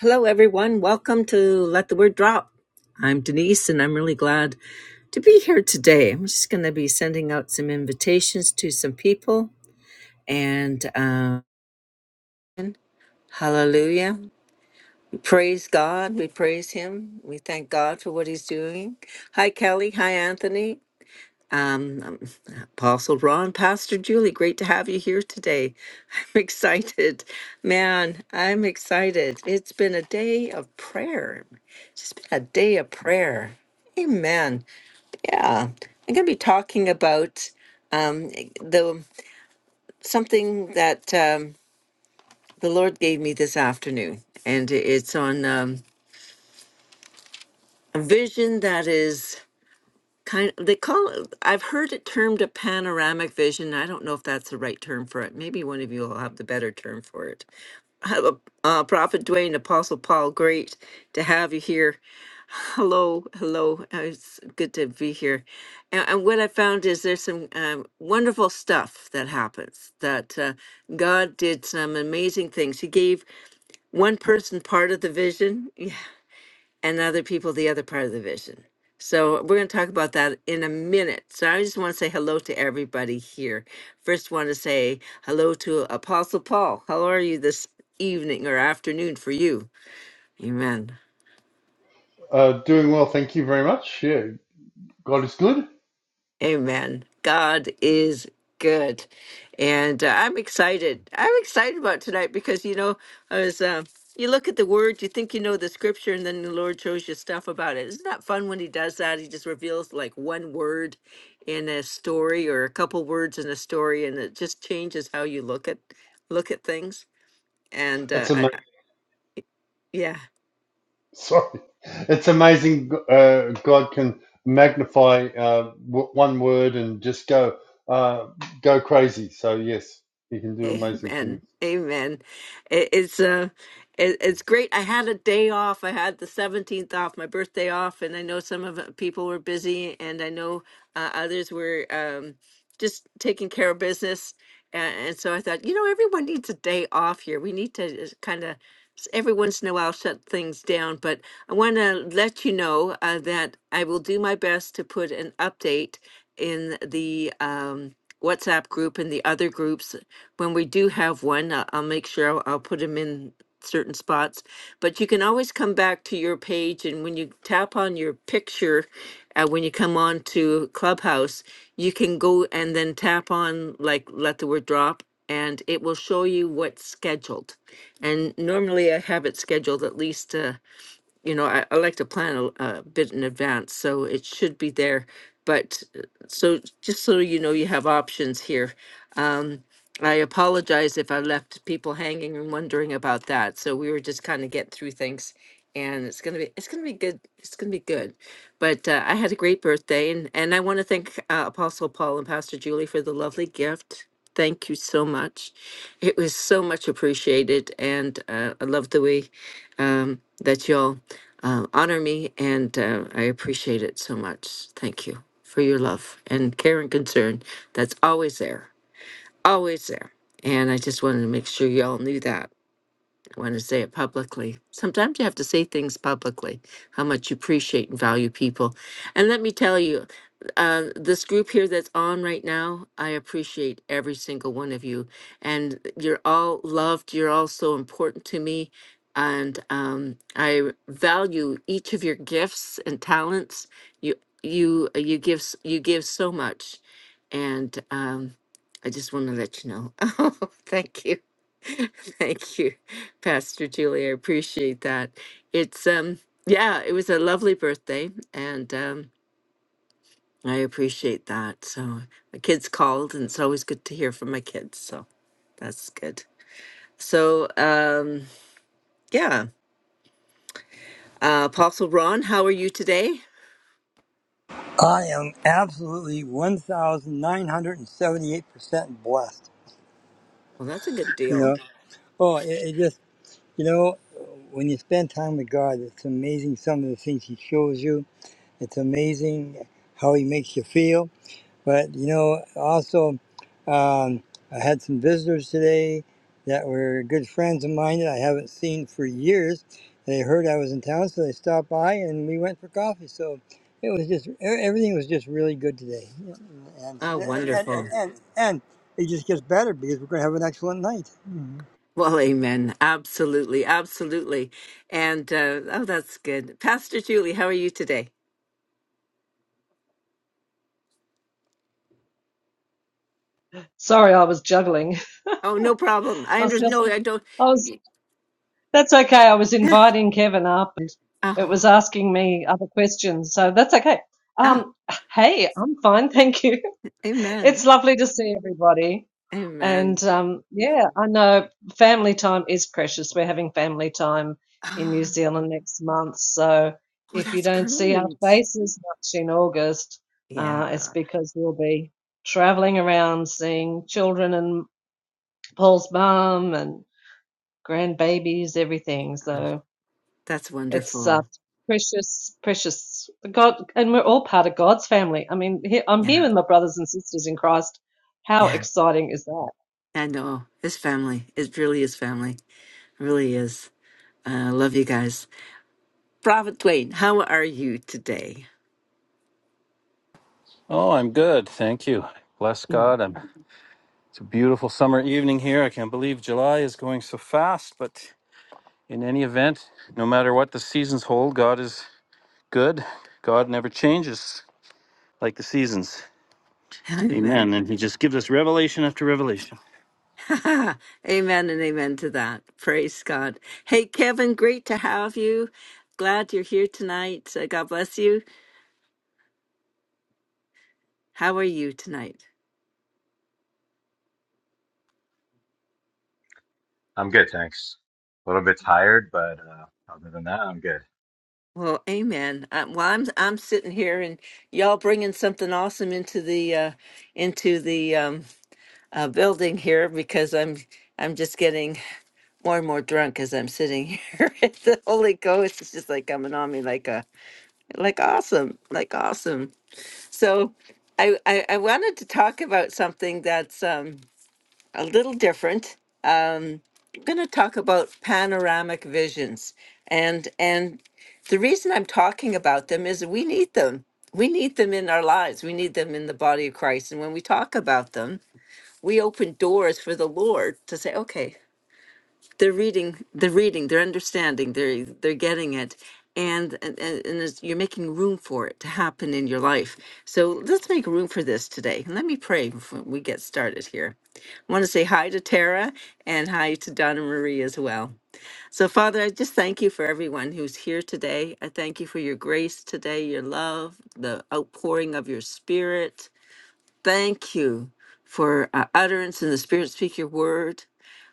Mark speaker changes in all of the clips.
Speaker 1: Hello, everyone. Welcome to Let the Word Drop. I'm Denise, and I'm really glad to be here today. I'm just going to be sending out some invitations to some people. And um, hallelujah. We praise God. We praise Him. We thank God for what He's doing. Hi, Kelly. Hi, Anthony. Um, um, Apostle Ron, Pastor Julie, great to have you here today. I'm excited. Man, I'm excited. It's been a day of prayer. A day of prayer. Amen. Yeah. I'm going to be talking about um, the something that um, the Lord gave me this afternoon, and it's on um, a vision that is kind of, they call it, I've heard it termed a panoramic vision. I don't know if that's the right term for it. Maybe one of you will have the better term for it. I have a, uh, Prophet Dwayne, Apostle Paul, great to have you here. Hello, hello. Uh, It's good to be here. And, and what I found is there's some um, wonderful stuff that happens. That uh, God did some amazing things. He gave one person part of the vision, yeah, and other people the other part of the vision. So we're going to talk about that in a minute. So I just want to say hello to everybody here. First, want to say hello to Apostle Paul. How are you this evening or afternoon for you? Amen.
Speaker 2: Uh, doing well, thank you very much. Yeah, God is good.
Speaker 1: Amen. God is good. And uh, I'm excited. I'm excited about tonight because, you know, I was, uh, you look at the word, you think you know the scripture, and then the Lord shows you stuff about it. Isn't that fun when He does that? He just reveals like one word in a story or a couple words in a story, and it just changes how you look at look at things. And uh,
Speaker 2: It's
Speaker 1: I, I-
Speaker 2: amazing.
Speaker 1: yeah,
Speaker 2: Sorry, it's amazing. Uh, God can magnify uh, w- one word and just go uh, go crazy. So yes, He can do amazing things.
Speaker 1: Amen. Amen. It, it's uh it, it's great. I had a day off. I had the 17th off, my birthday off, and I know some of uh, people were busy and I know uh, others were um just taking care of business. And, and so I thought, you know, everyone needs a day off here. We need to kind of every once in a while shut things down, but I want to let you know uh, that I will do my best to put an update in the um WhatsApp group and the other groups when we do have one, I- I'll make sure I'll, I'll put them in certain spots. But you can always come back to your page, and when you tap on your picture, uh, when you come on to Clubhouse, you can go and then tap on like let the word drop, and it will show you what's scheduled. And normally I have it scheduled at least. Uh, you know, I, I like to plan a a bit in advance, so it should be there. But uh, so just so you know, you have options here. Um, I apologize if I left people hanging and wondering about that. So we were just kind of getting through things, and it's gonna be it's gonna be good. It's gonna be good. But uh, I had a great birthday, and and I want to thank uh, Apostle Paul and Pastor Julie for the lovely gift. Thank you so much. It was so much appreciated, and uh, I love the way um, that you'll uh, honor me, and uh, I appreciate it so much. Thank you for your love and care and concern. That's always there, always there. And I just wanted to make sure y'all knew that. I want to say it publicly. Sometimes you have to say things publicly, how much you appreciate and value people. And let me tell you, uh, this group here that's on right now, I appreciate every single one of you. And you're all loved. You're all so important to me. And um, I value each of your gifts and talents. You you you give s- you give so much, and um, I just want to let you know. Oh, thank you. Thank you, Pastor Julie. I appreciate that. It's um yeah, it was a lovely birthday and um I appreciate that. So my kids called and it's always good to hear from my kids. So that's good. So um yeah. Uh Apostle Ron, how are you today?
Speaker 3: I am absolutely 1,978% blessed.
Speaker 1: Well that's a good
Speaker 3: You
Speaker 1: deal.
Speaker 3: know, oh, it, it just, you know, when you spend time with God, it's amazing some of the things He shows you. It's amazing how He makes you feel. But you know, also, um, I had some visitors today that were good friends of mine that I haven't seen for years. They heard I was in town, so they stopped by and we went for coffee. So it was just e- everything was just really good today, and
Speaker 1: Oh
Speaker 3: and and
Speaker 1: wonderful.
Speaker 3: and, and it just gets better because we're going to have an excellent night. Mhm.
Speaker 1: Well, amen. Absolutely, absolutely. And uh oh that's good. Pastor Julie, how are you today?
Speaker 4: Sorry, I was juggling.
Speaker 1: Oh, no problem.
Speaker 4: I
Speaker 1: I
Speaker 4: was,
Speaker 1: understand. No, I don't.
Speaker 4: I was, that's okay. I was inviting Kevin up and it
Speaker 1: Oh,
Speaker 4: was asking me other questions. So that's okay.
Speaker 1: ah,
Speaker 4: Um, hey, I'm fine. Thank you. It's
Speaker 1: amen.
Speaker 4: lovely to see everybody.
Speaker 1: Amen.
Speaker 4: And um, yeah, I know family time is precious. We're having family time in New
Speaker 1: Ah,
Speaker 4: Zealand next month. So
Speaker 1: Oh,
Speaker 4: if you
Speaker 1: that's
Speaker 4: don't see our
Speaker 1: great.
Speaker 4: faces much in August, uh, it's
Speaker 1: Yeah,
Speaker 4: because we'll be traveling around seeing children and Paul's mum. and. grandbabies, everything.
Speaker 1: ah,
Speaker 4: So
Speaker 1: that's
Speaker 4: it's uh,
Speaker 1: wonderful.
Speaker 4: precious, precious. God, and we're all part of God's family. I mean, he, I'm here
Speaker 1: Yeah,
Speaker 4: with my brothers and sisters in Christ. How
Speaker 1: yeah.
Speaker 4: exciting is that?
Speaker 1: I know his family. It really is family. It really is. I love you guys. Prophet Dwayne, how are you today?
Speaker 5: Oh, I'm good. Thank you. Bless
Speaker 1: Mm.
Speaker 5: God. I'm, it's a beautiful summer evening here. I can't believe July is going so fast, but in any event, no matter what the seasons hold, God is good. God never changes like the seasons.
Speaker 1: Amen.
Speaker 5: Amen. And He just gives us revelation after revelation.
Speaker 1: amen and amen to that. Praise God. Hey, Kevin, great to have you. Glad you're here tonight. Uh, God bless you. How are you tonight?
Speaker 6: I'm good, thanks. A little bit tired, but uh, other than that, I'm good.
Speaker 1: Well, amen. I, well, I'm I'm sitting here and y'all bringing something awesome into the uh, into the um, uh, building here because I'm I'm just getting more and more drunk as I'm sitting here. the Holy Ghost is just like coming on me like a like awesome, like awesome. So, I I, I wanted to talk about something that's um, a little different I'm going to talk about panoramic visions and and the reason I'm talking about them is we need them. We need them in our lives. We need them in the body of Christ. And when we talk about them, we open doors for the Lord to say, okay, they're reading they're reading they're understanding they're they're getting it and and, and and it's, you're making room for it to happen in your life so let's make room for this today and let me pray before we get started here i want to say hi to tara and hi to donna marie as well so father i just thank you for everyone who's here today i thank you for your grace today your love the outpouring of your spirit thank you for uh, utterance in the spirit speak your word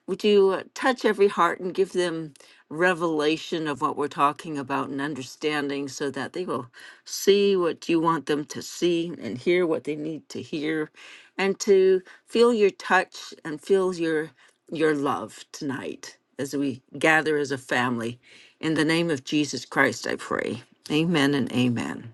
Speaker 1: would you touch every heart and give them revelation of what we're talking about and understanding so that they will see what you want them to see and hear what they need to hear and to feel your touch and feel your your love tonight as we gather as a family in the name of Jesus Christ I pray amen and amen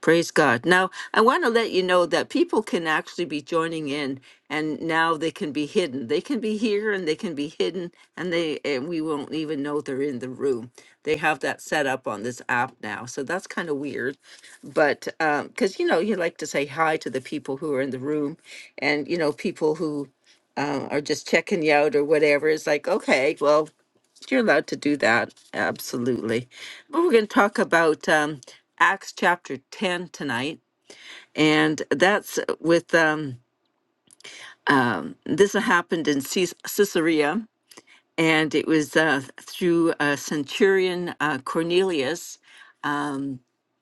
Speaker 1: Praise God. Now, I want to let you know that people can actually be joining in and now they can be hidden. They can be here and they can be hidden and they and we won't even know they're in the room. They have that set up on this app now. So that's kind of weird. But um cuz you know, you like to say hi to the people who are in the room and you know, people who um, are just checking you out or whatever. It's like, okay, well, you're allowed to do that. Absolutely. But we're going to talk about um, Acts chapter 10 tonight. And that's with um, um, this happened in Cis- Caesarea. And it was uh, through uh, centurion uh, Cornelius. Um,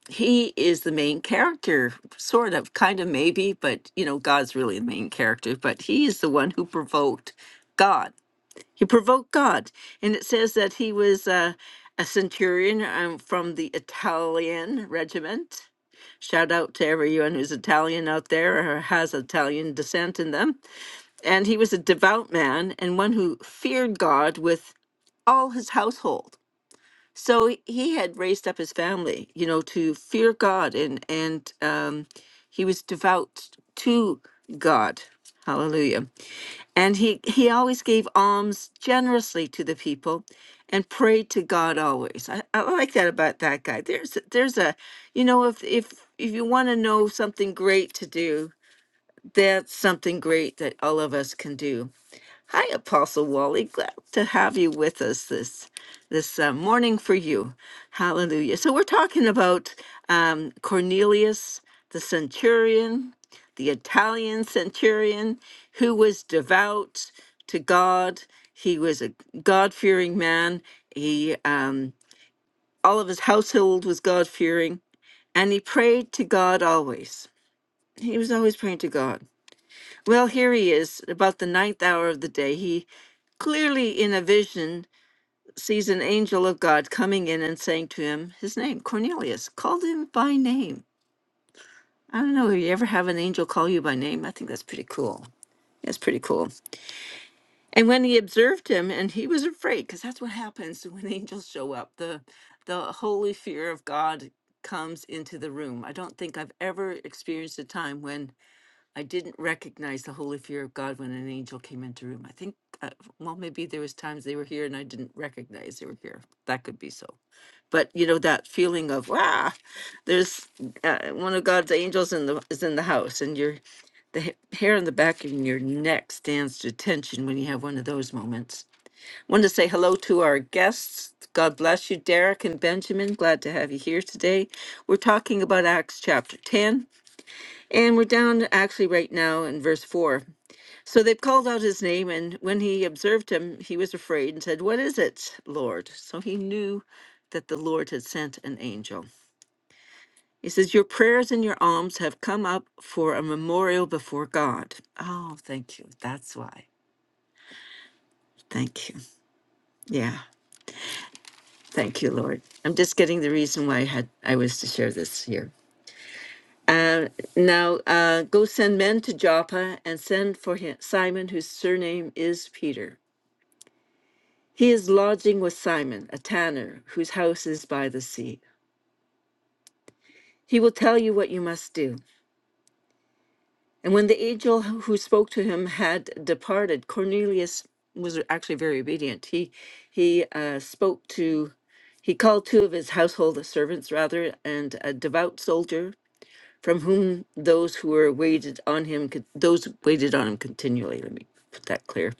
Speaker 1: he is the main character, sort of, kind of, maybe, but you know, God's really the main character. But he is the one who provoked God he provoked God. And it says that he was uh, a centurion um, from the Italian regiment. Shout out to everyone who's Italian out there or has Italian descent in them. And he was a devout man and one who feared God with all his household. So he he had raised up his family, you know, to fear God and and um, he was devout to God. Hallelujah. And he, he always gave alms generously to the people and prayed to God always. I, I like that about that guy. There's there's a you know, if if if you want to know something great to do, that's something great that all of us can do. Hi, Apostle Wally. Glad to have you with us this this uh, morning for you. Hallelujah. So we're talking about um, Cornelius, the centurion, the Italian centurion, who was devout to God. He was a God fearing man. He um, all of his household was God fearing, and he prayed to God always. He was always praying to God. Well, here he is, about the ninth hour of the day. He clearly, in a vision, sees an angel of God coming in and saying to him, His name, Cornelius, called him by name. I don't know, if you ever have an angel call you by name? I think that's pretty cool. That's pretty cool. And when he observed him, and he was afraid, because that's what happens when angels show up. The the holy fear of God comes into the room. I don't think I've ever experienced a time when I didn't recognize the Holy Fear of God when an angel came into room. I think, uh, well, maybe there was times they were here and I didn't recognize they were here. That could be so. But you know that feeling of wow, there's uh, one of God's angels in the is in the house, and your the ha- hair on the back of your neck stands to attention when you have one of those moments. Want to say hello to our guests. God bless you, Derek and Benjamin. Glad to have you here today. We're talking about Acts chapter ten, and we're down actually right now in verse 4. So they called out his name, and when he observed him, he was afraid and said, What is it, Lord? So he knew that the Lord had sent an angel. He says, Your prayers and your alms have come up for a memorial before God. Oh, thank you. That's why. Thank you. Yeah. Thank you, Lord. I'm just getting the reason why I had I was to share this here. Uh, now uh, go send men to Joppa and send for him, Simon, whose surname is Peter. He is lodging with Simon, a tanner, whose house is by the sea. He will tell you what you must do. And when the angel who spoke to him had departed, Cornelius was actually very obedient. He he uh, spoke to, he called two of his household servants rather, and a devout soldier from whom those who were waited on him, con- those who waited on him continually. Let me put that clear.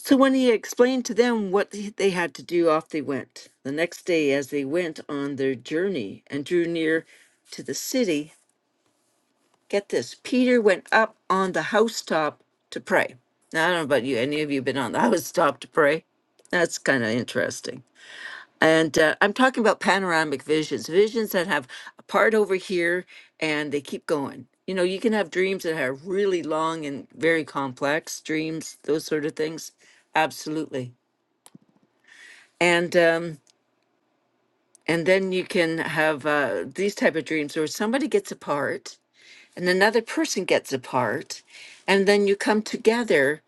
Speaker 1: So when he explained to them what th- they had to do, off they went. The next day, as they went on their journey and drew near to the city, get this Peter went up on the housetop to pray. Now, I don't know about you, any of you been on the housetop to pray? That's kind of interesting. And uh, I'm talking about panoramic visions, visions that have a part over here and they keep going. You know, you can have dreams that are really long and very complex dreams, those sort of things. Absolutely. and um, and then you can have uh, these type of dreams where somebody gets apart and another person gets apart and then you come together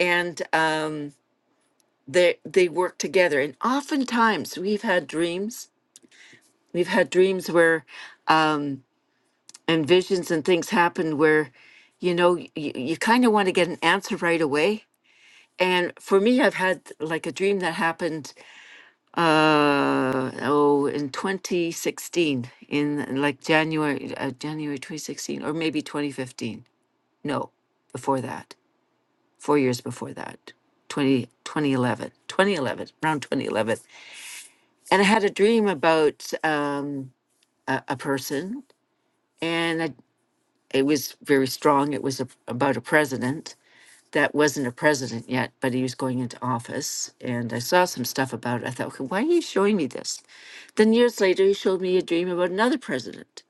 Speaker 1: and um, they they work together and oftentimes we've had dreams we've had dreams where um, and visions and things happen where you know you, you kind of want to get an answer right away and for me i've had like a dream that happened uh oh in 2016 in like january uh, january 2016 or maybe 2015 no before that four years before that 20, 2011 2011 around 2011 and i had a dream about um a, a person and I, it was very strong it was a, about a president that wasn't a president yet, but he was going into office. And I saw some stuff about it. I thought, okay, why are you showing me this? Then years later, he showed me a dream about another president.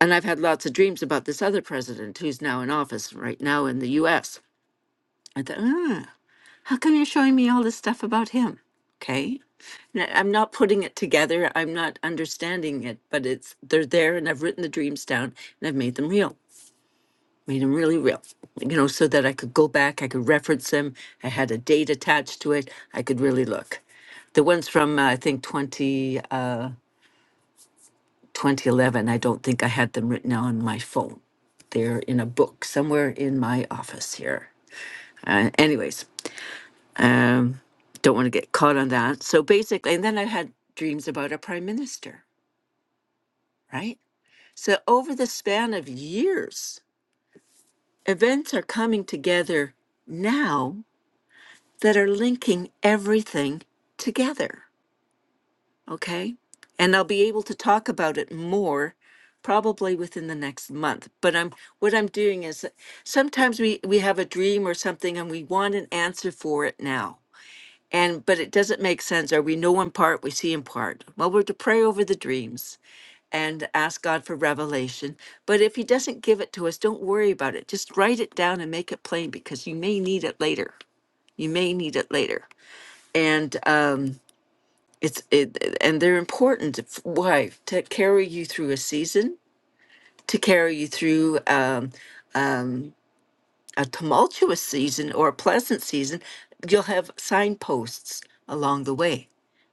Speaker 1: And I've had lots of dreams about this other president who's now in office right now in the US. I thought, ah, how come you're showing me all this stuff about him? Okay. And I'm not putting it together. I'm not understanding it, but it's they're there and I've written the dreams down and I've made them real. made them really real, you know, so that I could go back, I could reference them. I had a date attached to it. I could really look. The ones from, uh, I think, 20, uh, 2011, I don't think I had them written on my phone. They're in a book somewhere in my office here. Uh, anyways, um, don't want to get caught on that. So basically, and then I had dreams about a prime minister, right? So over the span of years, events are coming together now that are linking everything together. Okay. And I'll be able to talk about it more probably within the next month. But I'm what I'm doing is that sometimes we, we have a dream or something and we want an answer for it now. And but it doesn't make sense, or we know in part, we see in part. Well, we're to pray over the dreams and ask God for revelation. But if He doesn't give it to us, don't worry about it. Just write it down and make it plain because you may need it later. You may need it later and um, it's it, and they're important. f- Why to carry you through a season, to carry you through um, um, a tumultuous season or a pleasant season, you'll have signposts along the way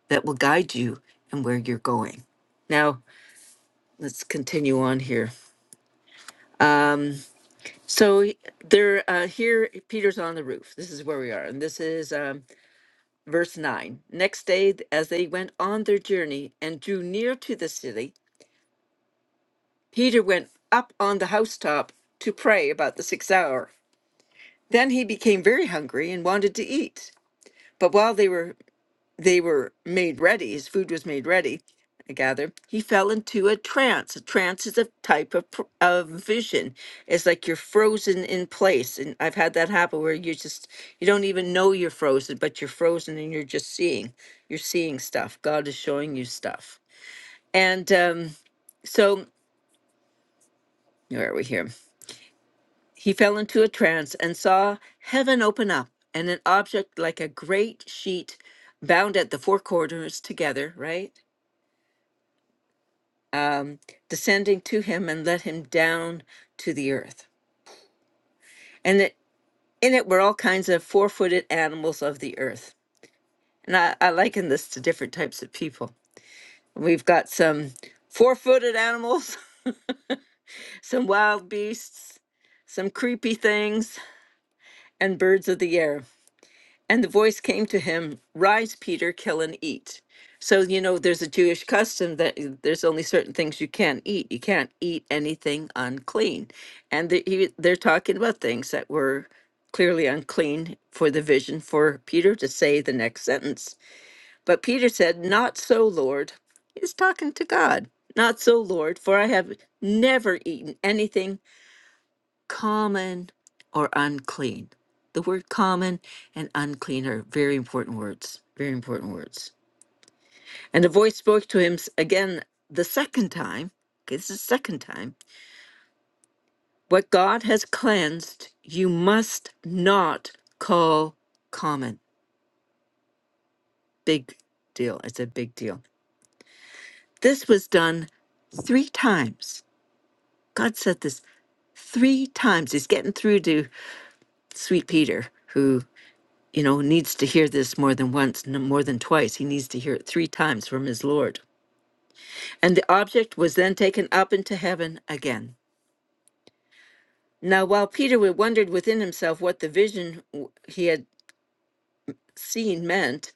Speaker 1: that will guide you and where you're going. Now let's continue on here. So he- they're uh, here. Peter's on the roof. This is where we are, and this is um, verse nine. Next day, th- as they went on their journey and drew near to the city, Peter went up on the housetop to pray about the sixth hour. Then he became very hungry and wanted to eat. But while they were they were made ready, his food was made ready, I gather, he fell into a trance. A trance is a type of, pr- of vision. It's like you're frozen in place. And I've had that happen where you just, you don't even know you're frozen, but you're frozen and you're just seeing. You're seeing stuff. God is showing you stuff. And um, so, where are we here? He fell into a trance and saw heaven open up and an object like a great sheet bound at the four corners together, right? Um, descending to him and let him down to the earth. And it, in it were all kinds of four footed animals of the earth. And I, I liken this to different types of people. We've got some four footed animals, some wild beasts, some creepy things, and birds of the air. And the voice came to him, Rise, Peter, kill and eat. So, you know, there's a Jewish custom that uh, there's only certain things you can't eat. You can't eat anything unclean. And the, he, they're talking about things that were clearly unclean for the vision for Peter to say the next sentence. But Peter said, Not so, Lord. He's talking to God. Not so, Lord, for I have never eaten anything common or unclean. The word common and unclean are very important words, very important words. And the voice spoke to him s- again the second time. Okay, this is the second time. What God has cleansed, you must not call common. Big deal. It's a big deal. This was done three times. God said this three times. He's getting through to sweet Peter, who. you know, needs to hear this more than once, n- more than twice. He needs to hear it three times from his Lord. And the object was then taken up into heaven again. Now, while Peter wondered within himself what the vision w- he had seen meant,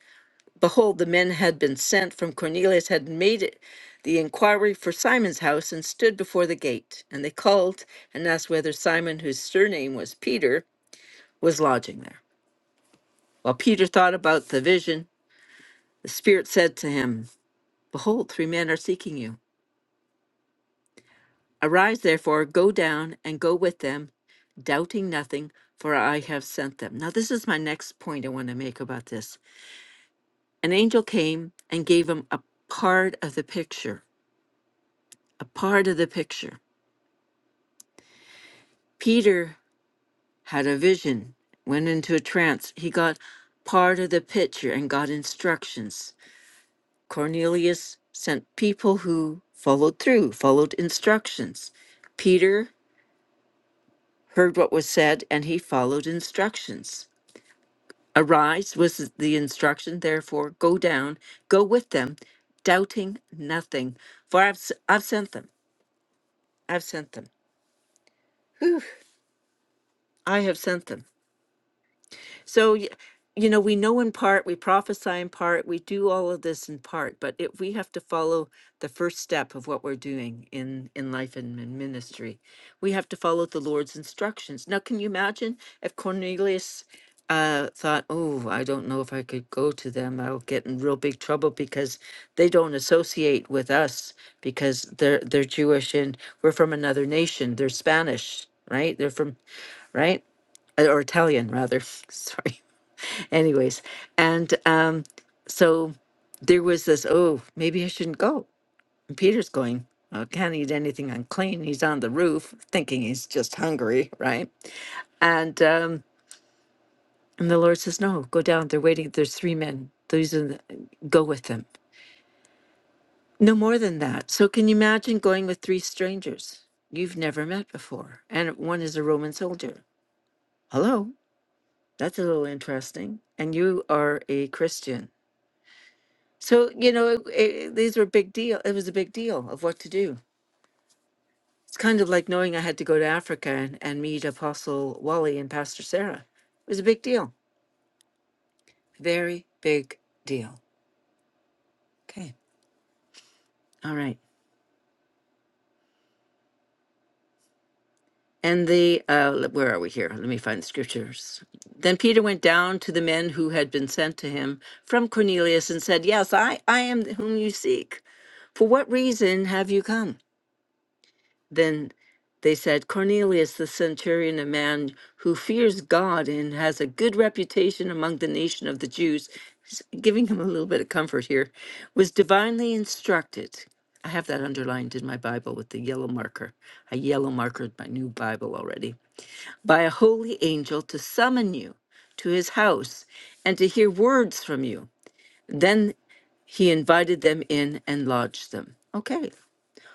Speaker 1: behold, the men had been sent from Cornelius, had made it the inquiry for Simon's house, and stood before the gate. And they called and asked whether Simon, whose surname was Peter, was lodging there. While Peter thought about the vision, the Spirit said to him, Behold, three men are seeking you. Arise, therefore, go down and go with them, doubting nothing, for I have sent them. Now, this is my next point I want to make about this. An angel came and gave him a part of the picture, a part of the picture. Peter had a vision, went into a trance. He got part of the picture and got instructions. Cornelius sent people who followed through, followed instructions. Peter. heard what was said, and he followed instructions. Arise was the instruction, therefore, go down, go with them, doubting nothing. For I've, s- I've sent them. I've sent them. I have sent them. So, y- you know, we know in part, we prophesy in part, we do all of this in part, but it, we have to follow the first step of what we're doing in, in life and in ministry. We have to follow the Lord's instructions. Now, can you imagine if Cornelius uh, thought, oh, I don't know if I could go to them. I'll get in real big trouble because they don't associate with us because they're they're Jewish and we're from another nation. They're Spanish, right? They're from right Uh, or Italian rather. Sorry anyways and um so there was this oh maybe i shouldn't go and peter's going "Well, i can't eat anything unclean he's on the roof thinking he's just hungry right and um and the lord says no go down they're waiting there's three men These are the, go with them no more than that so can you imagine going with three strangers you've never met before and one is a roman soldier hello that's a little interesting and you are a christian So, you know, it, it, these were big deal. It was a big deal of what to do. It's kind of like knowing I had to go to Africa and, and meet Apostle Wally and Pastor Sarah. It was a big deal. Very big deal. Okay. All right. And the, uh, le- where are we here? Let me find the scriptures. Then Peter went down to the men who had been sent to him from Cornelius and said, Yes, I, I am whom you seek. For what reason have you come? Then they said, Cornelius, the centurion, a man who fears God and has a good reputation among the nation of the Jews, s- giving him a little bit of comfort here, was divinely instructed. I have that underlined in my Bible with the yellow marker. I yellow markered my new Bible already. By a holy angel to summon you to his house and to hear words from you. Then he invited them in and lodged them. Okay.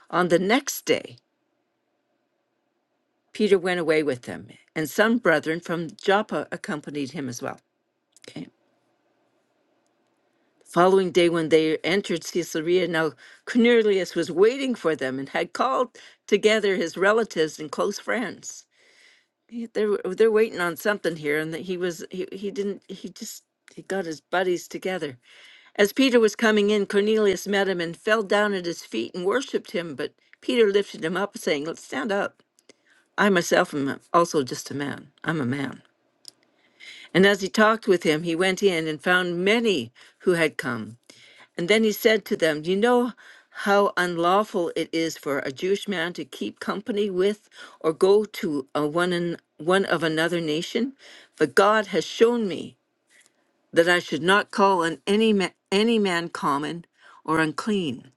Speaker 1: On the next day, Peter went away with them, and some brethren from Joppa accompanied him as well. Okay. Following day, when they entered Caesarea, now Cornelius was waiting for them and had called together his relatives and close friends. He- They're they're waiting on something here, and that he was he, he didn't he just he got his buddies together. As Peter was coming in, Cornelius met him and fell down at his feet and worshipped him. But Peter lifted him up, saying, "Let's stand up. I myself am also just a man. I'm a man." And as he talked with him, he went in and found many who had come. And then he said to them, Do you know how unlawful it is for a Jewish man to keep company with or go to a one, an, one of another nation? But God has shown me that I should not call on any, ma- any man common or unclean.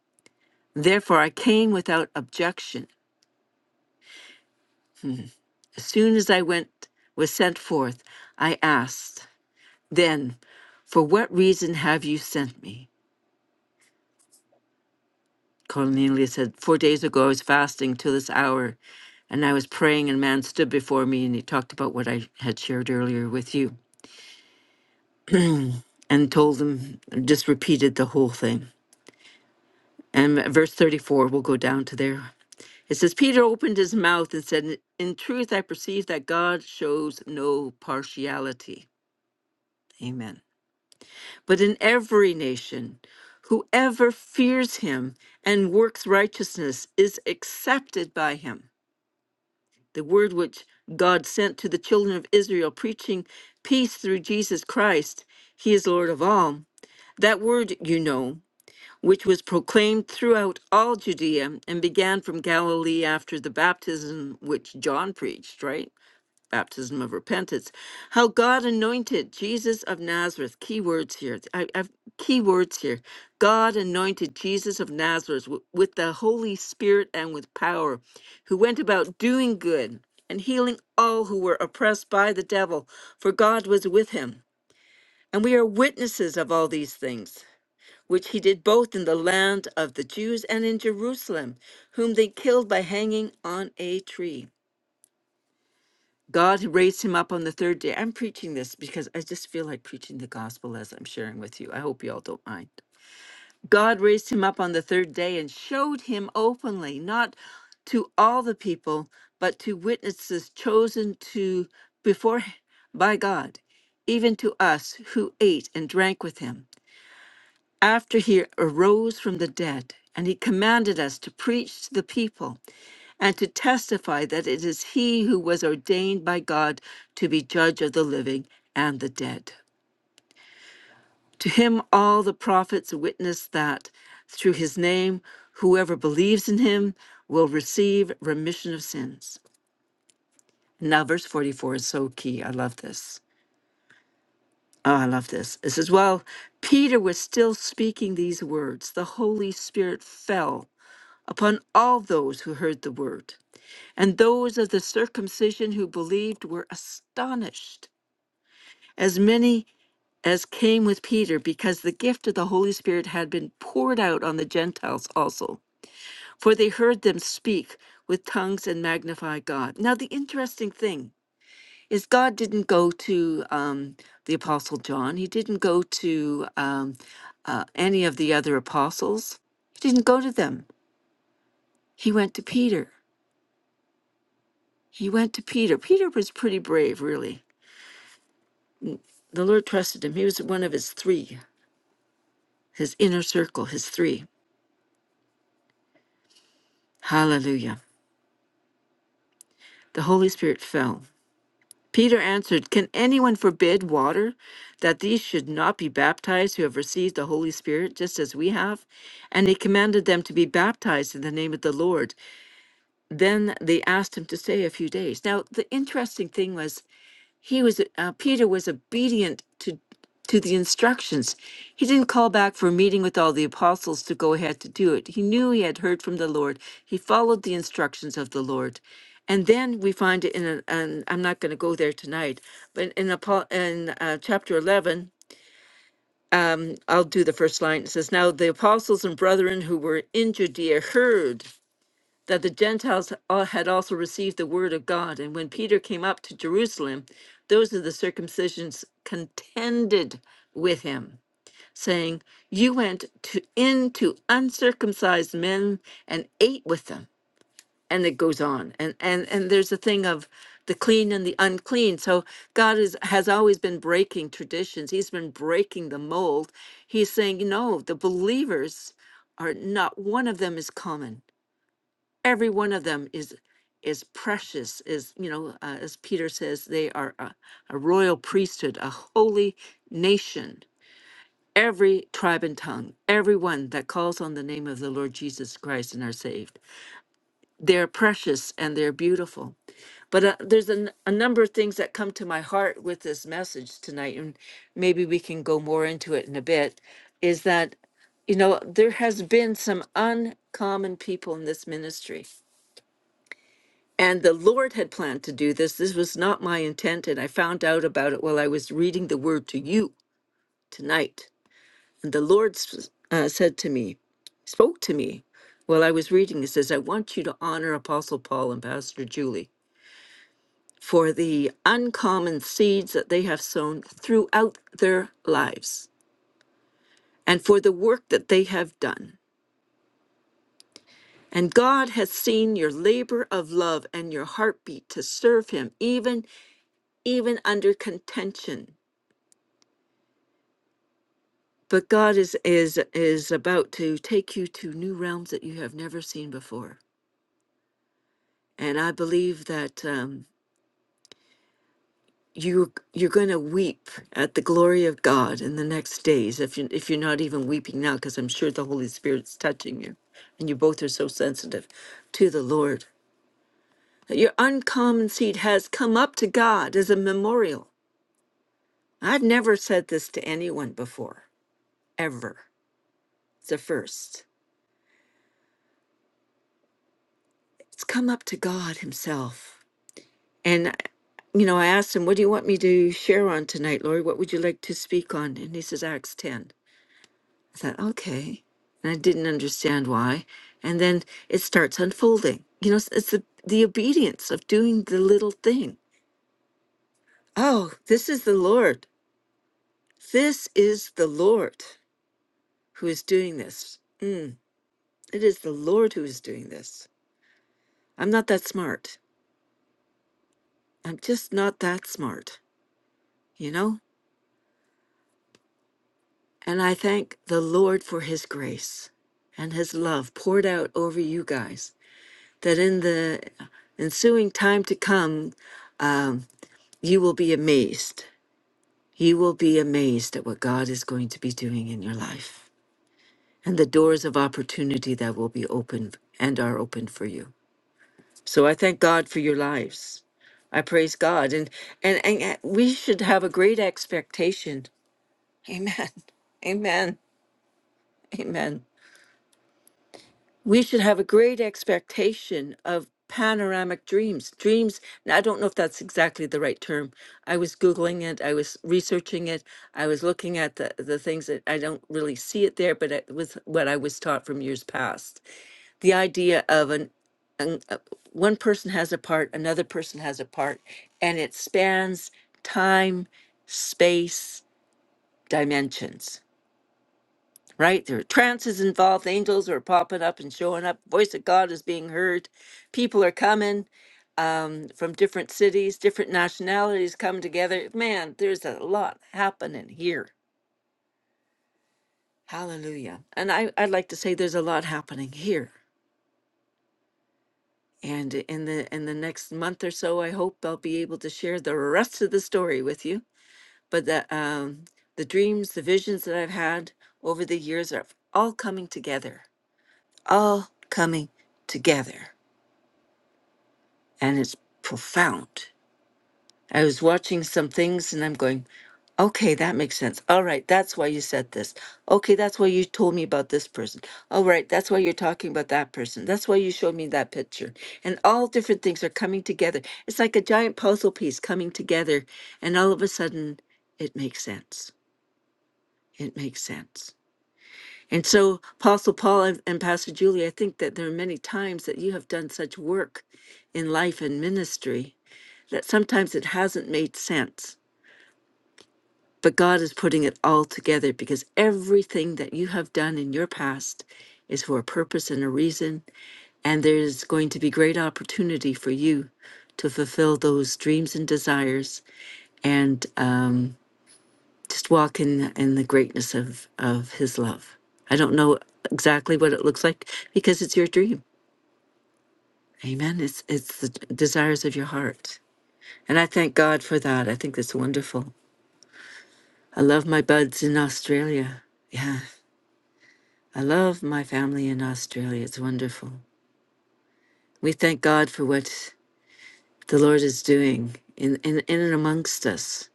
Speaker 1: Therefore I came without objection. As soon as I went was sent forth, I asked, Then, for what reason have you sent me? Cornelia said, Four days ago, I was fasting till this hour, and I was praying, and a man stood before me, and he talked about what I had shared earlier with you and told him, just repeated the whole thing. And verse 34, we'll go down to there. It says, Peter opened his mouth and said, In truth, I perceive that God shows no partiality. Amen. But in every nation, whoever fears him and works righteousness is accepted by him. the word which God sent to the children of Israel, preaching peace through Jesus Christ. He is Lord of all. That word you know, which was proclaimed throughout all Judea and began from Galilee after the baptism which John preached, right? baptism of repentance, how God anointed Jesus of Nazareth. Key words here. I, I've key words here. God anointed Jesus of Nazareth w- with the Holy Spirit and with power, who went about doing good and healing all who were oppressed by the devil, for God was with him. And we are witnesses of all these things, which he did both in the land of the Jews and in Jerusalem, whom they killed by hanging on a tree. God raised him up on the third day. I'm preaching this because I just feel like preaching the gospel as I'm sharing with you. I hope you all don't mind. God raised him up on the third day and showed him openly, not to all the people, but to witnesses chosen to before by God, even to us who ate and drank with him. After he arose from the dead, and he commanded us to preach to the people and to testify that it is he who was ordained by God to be judge of the living and the dead. To him, all the prophets witness that through his name, whoever believes in him will receive remission of sins. Now, verse 44 is so key. I love this. Oh, I love this. It says, While Peter was still speaking these words, the Holy Spirit fell upon all those who heard the word. And those of the circumcision who believed were astonished, as many as came with Peter, because the gift of the Holy Spirit had been poured out on the Gentiles also. For they heard them speak with tongues and magnify God. Now, the interesting thing is, God didn't go to um, the Apostle John, he didn't go to um, uh, any of the other apostles, he didn't go to them. He went to Peter. He went to Peter. Peter was pretty brave, really The Lord trusted him. He was one of his three, his inner circle, his three. Hallelujah. The Holy Spirit fell. Peter answered, Can anyone forbid water that these should not be baptized who have received the Holy Spirit just as we have? And he commanded them to be baptized in the name of the Lord. Then they asked him to stay a few days. Now, the interesting thing was he was uh, Peter was obedient to to the instructions. He didn't call back for a meeting with all the apostles to go ahead to do it. He knew he had heard from the Lord. He followed the instructions of the Lord. And then we find it in an, and I'm not going to go there tonight, but in Apo- in uh, chapter 11, I'll do the first line. It says, "Now the apostles and brethren who were in Judea heard." that the Gentiles al- had also received the word of God. And when Peter came up to Jerusalem, those of the circumcisions contended with him, saying, You went to, in to uncircumcised men and ate with them. And it goes on. And, and, and there's a thing of the clean and the unclean. So God is, has always been breaking traditions, He's been breaking the mold. He's saying, You know, the believers are not one of them is common every one of them is is precious is you know uh, as peter says they are a, a royal priesthood a holy nation every tribe and tongue everyone that calls on the name of the lord jesus christ and are saved they're precious and they're beautiful but uh, there's a, n- a number of things that come to my heart with this message tonight and maybe we can go more into it in a bit is that you know there has been some uncommon people in this ministry And the Lord had planned to do this. This was not my intent. And I found out about it while I was reading the word to you tonight. And the Lord s- uh, said to me, spoke to me while I was reading. He says, I want you to honor Apostle Paul and Pastor Julie for the uncommon seeds that they have sown throughout their lives and for the work that they have done. And God has seen your labor of love and your heartbeat to serve him, even even under contention. But God is is is about to take you to new realms that you have never seen before, and I believe that um, you you're going to weep at the glory of God in the next days. If you if you're not even weeping now, because I'm sure the Holy Spirit's touching you, and you both are so sensitive to the Lord. That Your uncommon seed has come up to God as a memorial. I've never said this to anyone before, ever. It's the first. It's come up to God Himself And, uh, you know, I asked him, What do you want me to share on tonight, Lori? What would you like to speak on? And he says, Acts 10. I thought, Okay. And I didn't understand why. And then it starts unfolding. You know, it's, it's the, the obedience of doing the little thing. Oh, this is the Lord. This is the Lord who is doing this. Mm, it is the Lord who is doing this. I'm not that smart. I'm just not that smart, you know? And I thank the Lord for his grace and his love poured out over you guys, that in the ensuing time to come, um, you will be amazed. You will be amazed at what God is going to be doing in your life and the doors of opportunity that will be opened and are opened for you. So I thank God for your lives. I praise God. And, and, and uh, we should have a great expectation. Amen. Amen. Amen. we should have a great expectation of panoramic dreams dreams now, i don't know if that's exactly the right term i was googling it i was researching it i was looking at the, the things that i don't really see it there but it was what i was taught from years past the idea of an, an uh, one person has a part another person has a part and it spans time space dimensions right? There are trances involved. Angels are popping up and showing up. Voice of God is being heard. People are coming um, from different cities, different nationalities come together. Man, there's a lot happening here. Hallelujah. And I, I'd like to say there's a lot happening here. And in the in the next month or so, I hope I'll be able to share the rest of the story with you. But the um, the dreams, the visions that I've had over the years are all coming together. All coming together. and it's profound. I was watching some things and I'm going, okay, that makes sense. All right, that's why you said this. Okay, that's why you told me about this person. All right, that's why you're talking about that person. That's why you showed me that picture. And all different things are coming together. It's like a giant puzzle piece coming together. And all of a sudden, it makes sense. It makes sense. And so, Apostle Paul and, and Pastor Julie, I think that there are many times that you have done such work in life and ministry that sometimes it hasn't made sense, but God is putting it all together because everything that you have done in your past is for a purpose and a reason. And there's going to be great opportunity for you to fulfill those dreams and desires and um, just walk in, in the greatness of, of His love. I don't know exactly what it looks like because it's your dream. Amen. It's, it's the desires of your heart. And I thank God for that. I think that's wonderful. I love my buds in Australia. Yeah, I love my family in Australia. It's wonderful. We thank God for what the Lord is doing in, in, in and amongst us.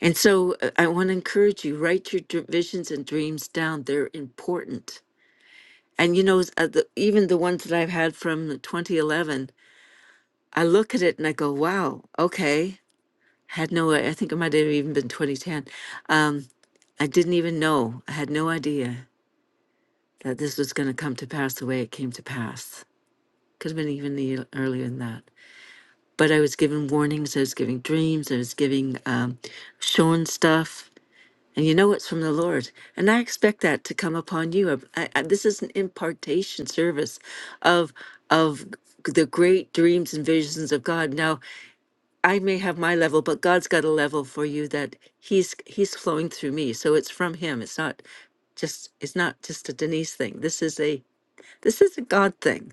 Speaker 1: And so uh, I want to encourage you write your dr- visions and dreams down. They're important. And you know, s- uh, the, even the ones that I've had from 2011, I look at it and I go, wow, okay. Had no, I think it might have even been 2010. Um, I didn't even know. I had no idea. that this was going to come to pass the way it came to pass. Could have been even the, earlier than that. But I was given warnings, I was giving dreams, I was giving um, shown stuff. And you know it's from the Lord. And I expect that to come upon you. I, I, this is an impartation service of of the great dreams and visions of God. Now, I may have my level, but God's got a level for you that he's he's flowing through me. So it's from him. It's not just it's not just a Denise thing. This is a this is a God thing.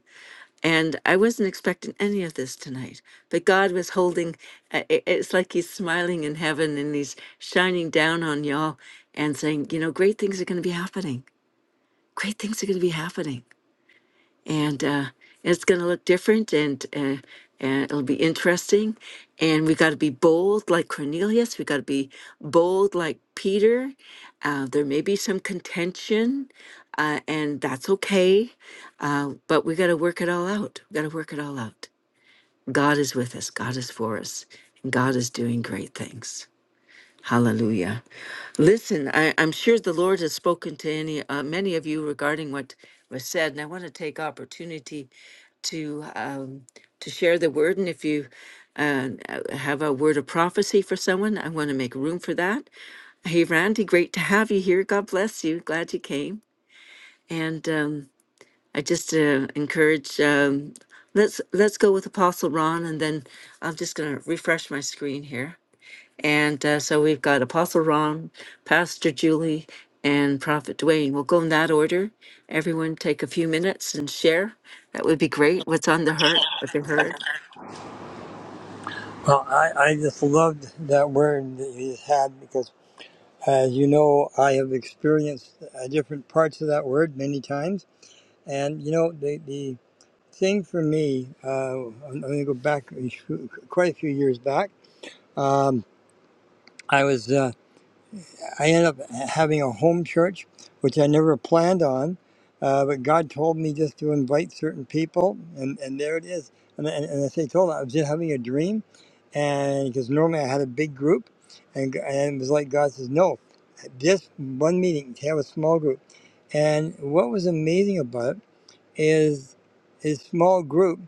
Speaker 1: And I wasn't expecting any of this tonight, but God was holding, i- i- it's like He's smiling in heaven and He's shining down on y'all and saying, you know, great things are going to be happening. Great things are going to be happening and uh, it's going to look different and, uh, and it'll be interesting and we got to be bold like cornelius we got to be bold like peter uh, there may be some contention uh, and that's okay uh, but we got to work it all out we got to work it all out god is with us god is for us and god is doing great things Hallelujah. Listen, I, I'm sure the Lord has spoken to any uh, many of you regarding what was said, and I want to take opportunity to um, to share the word. And if you uh, have a word of prophecy for someone, I want to make room for that. Hey, Randy, great to have you here. God bless you. Glad you came. And um, I just uh, encourage. Um, let's let's go with Apostle Ron, and then I'm just going to refresh my screen here. And uh, so we've got Apostle Ron, Pastor Julie, and Prophet Dwayne. We'll go in that order. Everyone take a few minutes and share. That would be great. What's on the heart, what they heard.
Speaker 3: Well, I, I just loved that word that you just had because, as you know, I have experienced uh, different parts of that word many times. And you know, the the thing for me, uh, I'm going to go back a few- quite a few years back. Um, I was uh, I ended up having a home church, which I never planned on, uh, but God told me just to invite certain people, and, and there it is. And, and, and as I told him, I was just having a dream, and because normally I had a big group, and, g- and it was like God says, no, just one meeting, have a small group. And what was amazing about it is a small group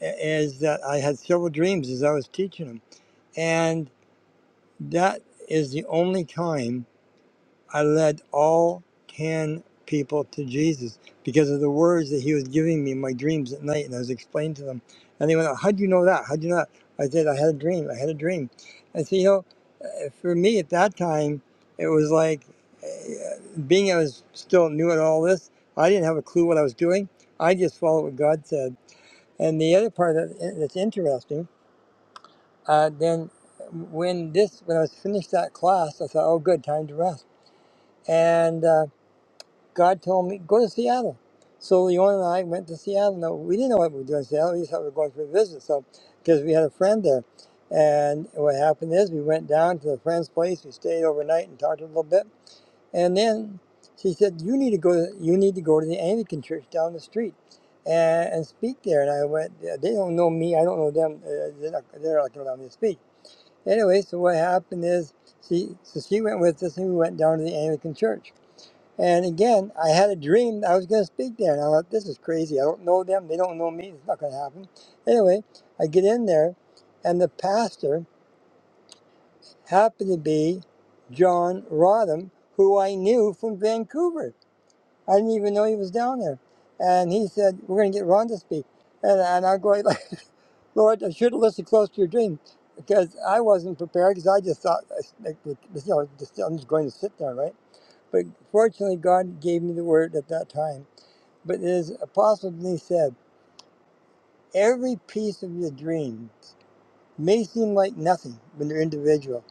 Speaker 3: is that I had several dreams as I was teaching them. And that is the only time I led all 10 people to Jesus because of the words that he was giving me in my dreams at night. And I was explaining to them. And they went, "Oh, How'd you know that? How'd you know that? I said, I had a dream. I had a dream. And so, you know, for me at that time, it was like uh, being I was still new at all this, I didn't have a clue what I was doing. I just followed what God said and the other part that, that's interesting, uh, then when this when I was finished that class, I thought, oh, good, time to rest. And uh, God told me go to Seattle. So Leon and I went to Seattle. Now we didn't know what we were doing in Seattle. We just thought we were going for a visit. So because we had a friend there, and what happened is we went down to the friend's place. We stayed overnight and talked a little bit. And then she said, "You need to go. to, You need to go to the Anglican church down the street and, and speak there." And I went. They don't know me. I don't know them. Uh, they're not, they're not going to allow me to speak. Anyway, so what happened is she so she went with us, and we went down to the Anglican church. And again, I had a dream that I was going to speak there, and I thought, "This is crazy. I don't know them. They don't know me. It's not going to happen." Anyway, I get in there, and the pastor happened to be John Rodham, who I knew from Vancouver. I didn't even know he was down there. And he said, We're going to get Ron to speak. And, and I'm going, Lord, I should have listened close to your dream because I wasn't prepared because I just thought, like, you know, just, I'm just going to sit there, right? But fortunately, God gave me the word at that time. But as Apostle Denise said, every piece of your dream may seem like nothing when they're individual,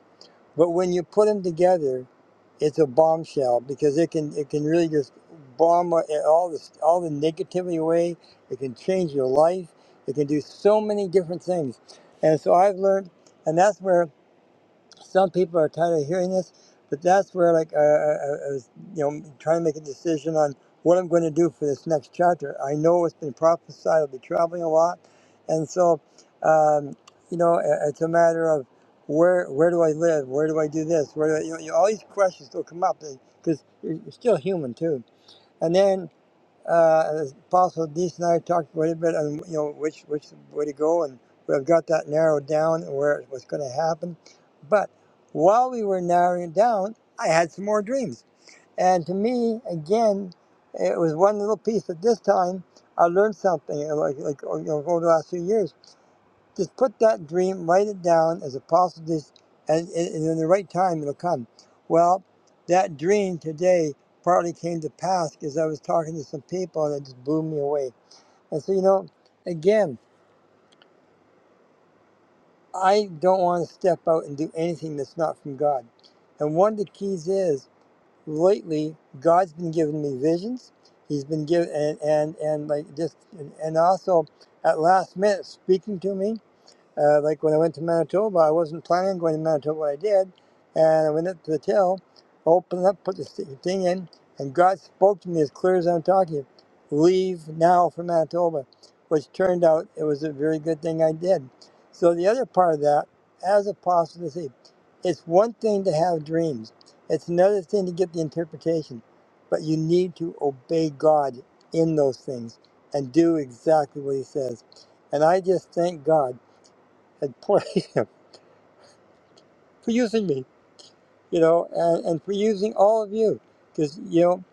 Speaker 3: but when you put them together, it's a bombshell because it can it can really just bomb uh, all this all the negativity away. It can change your life. It can do so many different things, and so I've learned, and that's where some people are tired of hearing this, but that's where like uh, I, I was, you know, trying to make a decision on what I'm going to do for this next chapter. I know it's been prophesied I'll be traveling a lot, and so um, you know, i- it's a matter of where where do I live? Where do I do this? Where do I, you know, you- all these questions will come up because you're, you're still human too. and then. Uh, and as possible, Denise and I talked a little bit on you know which which way to go, and we've got that narrowed down where it was going to happen. But while we were narrowing it down, I had some more dreams, and to me, again, it was one little piece. At this time, I learned something uh, like like you know over the last few years. Just put that dream, write it down as a positive, and, and, in the right time it'll come. Well, that dream today partly came to pass because I was talking to some people and it just blew me away. And so, you know, again, I don't want to step out and do anything that's not from God. And one of the keys is lately, God's been giving me visions. He's been giving, and, and, and like just, and, and also at last minute speaking to me. Uh, like when I went to Manitoba, I wasn't planning on going to Manitoba. What I did, and I went up to the till, opened up, put the thing in, and God spoke to me as clear as I'm talking. Leave now for Manitoba, which turned out it was a very good thing I did. So the other part of that, as a apostasy, it's one thing to have dreams. It's another thing to get the interpretation, but you need to obey God in those things and do exactly what He says. And I just thank God and poor him for using me, you know, and, and for using all of you. Because, you know,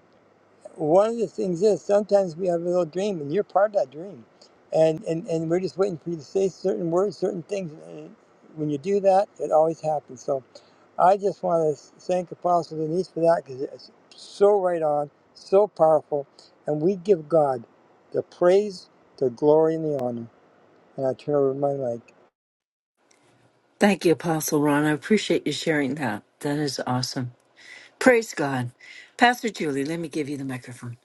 Speaker 3: one of the things is sometimes we have a little dream and you're part of that dream. And, and, and we're just waiting for you to say certain words, certain things. And when you do that, it always happens. So I just want to thank Apostle Denise for that because it's so right on, so powerful. And we give God the praise, the glory, and the honor. And I turn over my mic.
Speaker 1: Thank you, Apostle Ron. I appreciate you sharing that. That is awesome. Praise God. Pastor Julie, let me give you the microphone.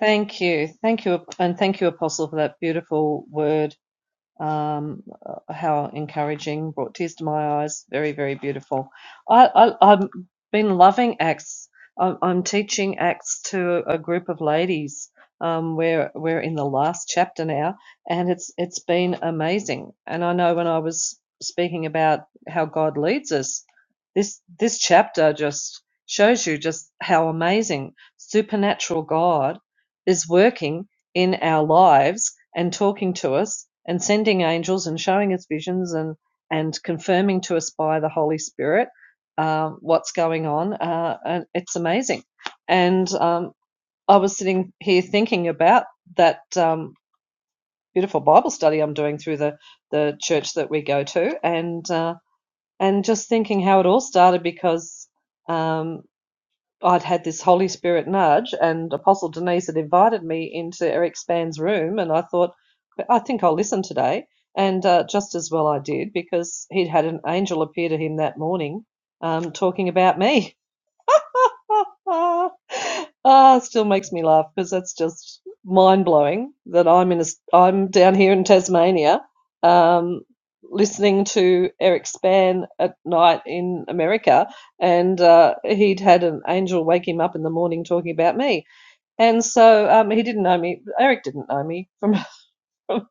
Speaker 4: Thank you. Thank you. And thank you, Apostle, for that beautiful word. um, uh, how encouraging, brought tears to my eyes. Very, very beautiful. I, I, I've been loving Acts. I'm, I'm teaching Acts to a group of ladies. Um, we're we're in the last chapter now, and it's it's been amazing. And I know when I was speaking about how God leads us, this this chapter just shows you just how amazing supernatural God is working in our lives and talking to us and sending angels and showing us visions and and confirming to us by the Holy Spirit um, what's going on. Uh, and it's amazing. And um, I was sitting here thinking about that um, beautiful Bible study I'm doing through the the church that we go to, and uh, and just thinking how it all started because. Um, I'd had this Holy Spirit nudge, and Apostle Denise had invited me into Eric Span's room, and I thought, I think I'll listen today. And uh, just as well I did, because he'd had an angel appear to him that morning um, talking about me. ah, it still makes me laugh because that's just mind blowing that I'm in a, I'm down here in Tasmania, um, listening to Eric Span at night in America, and uh, he'd had an angel wake him up in the morning talking about me, and so um, he didn't know me. Eric didn't know me from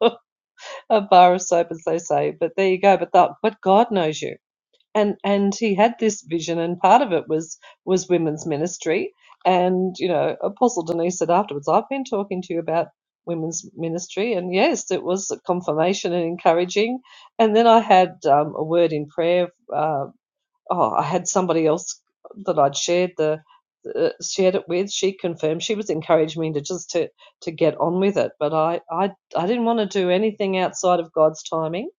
Speaker 4: a bar of soap, as they say. But there you go. But that, but God knows you and and he had this vision and part of it was was women's ministry and you know apostle denise said afterwards i've been talking to you about women's ministry and yes it was a confirmation and encouraging and then i had um, a word in prayer uh, oh, I had somebody else that I'd shared the uh, shared it with. She confirmed she was encouraging me to just to to get on with it, but I I I didn't want to do anything outside of God's timing.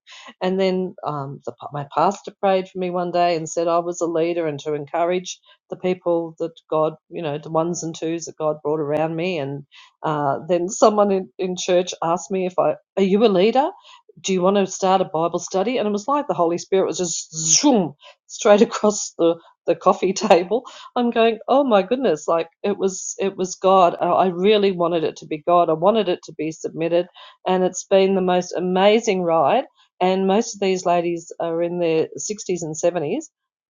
Speaker 4: And then um, the, my pastor prayed for me one day and said I was a leader and to encourage the people that God, you know, the ones and twos that God brought around me. And uh, then someone in, in church asked me if I are you a leader? Do you want to start a Bible study? And it was like the Holy Spirit was just zoom straight across the the coffee table. I'm going, oh my goodness, like it was it was God. I really wanted it to be God. I wanted it to be submitted, and it's been the most amazing ride. And most of these ladies are in their 60s and 70s.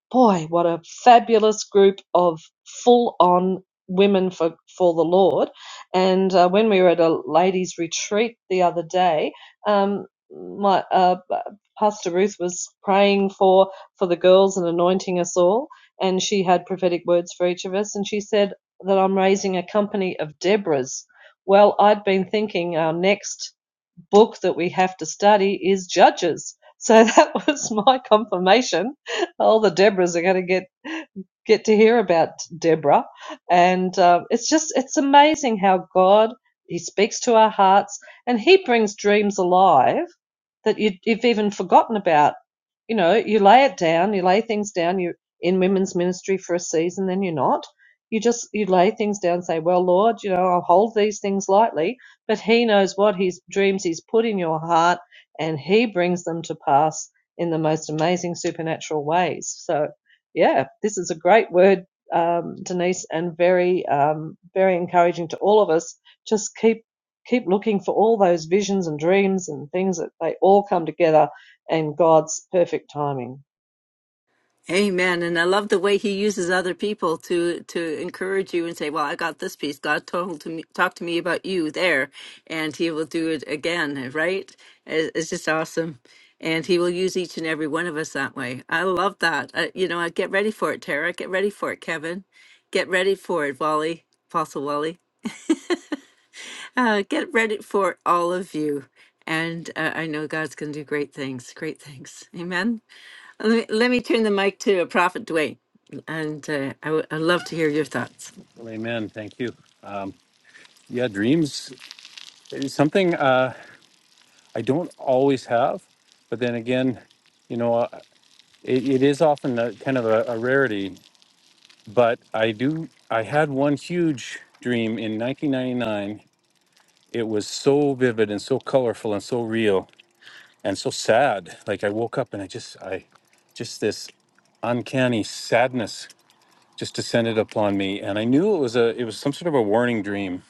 Speaker 4: Boy, what a fabulous group of full on women for, for the Lord. And uh, when we were at a ladies' retreat the other day, um, my uh, Pastor Ruth was praying for for the girls and anointing us all. And she had prophetic words for each of us. And she said that I'm raising a company of Deborahs. Well, I'd been thinking our next book that we have to study is Judges. So that was my confirmation. All the Deborahs are going to get get to hear about Deborah, and um, it's just it's amazing how God He speaks to our hearts and He brings dreams alive that you, you've even forgotten about. You know, you lay it down, you lay things down, you're in women's ministry for a season, then you're not. You just, you lay things down and say, well, Lord, you know, I'll hold these things lightly, but he knows what his dreams he's put in your heart and he brings them to pass in the most amazing supernatural ways. So, yeah, this is a great word, um, Denise, and very, um, very encouraging to all of us. Just keep keep looking for all those visions and dreams and things that they all come together in God's perfect timing.
Speaker 1: Amen. And I love the way he uses other people to to encourage you and say, "Well, I got this piece. God told to me, talk to me about you there, and He will do it again." Right? It- It's just awesome, and He will use each and every one of us that way. I love that. Uh, you know, I get ready for it, Tara. Get ready for it, Kevin. Get ready for it, Wally, Apostle Wally. Uh, get ready for all of you, and uh, I know God's going to do great things. Great things. Amen. Let me, let me turn the mic to Prophet Dwayne, and uh, I would I'd love to hear your thoughts.
Speaker 5: Well, amen. Thank you. Um, yeah, dreams is something uh, I don't always have, but then again, you know, uh, it, it is often a, kind of a, a rarity. but I do. I had one huge dream in 1999. It was so vivid and so colorful and so real and so sad. Like I woke up and I just, I, just this uncanny sadness just descended upon me, and I knew it was a, it was some sort of a warning dream.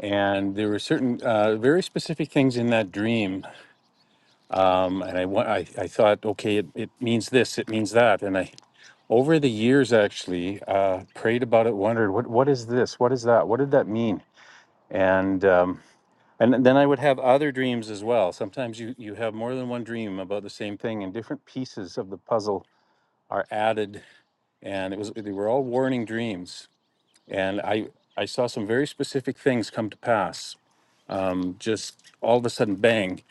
Speaker 5: And there were certain uh, very specific things in that dream, um, and I, wa- I, I thought, okay, it, it means this, it means that, and I over the years actually uh, prayed about it wondered what what is this what is that what did that mean and um, and then i would have other dreams as well sometimes you you have more than one dream about the same thing and different pieces of the puzzle are added and it was they were all warning dreams and i i saw some very specific things come to pass um, just all of a sudden bang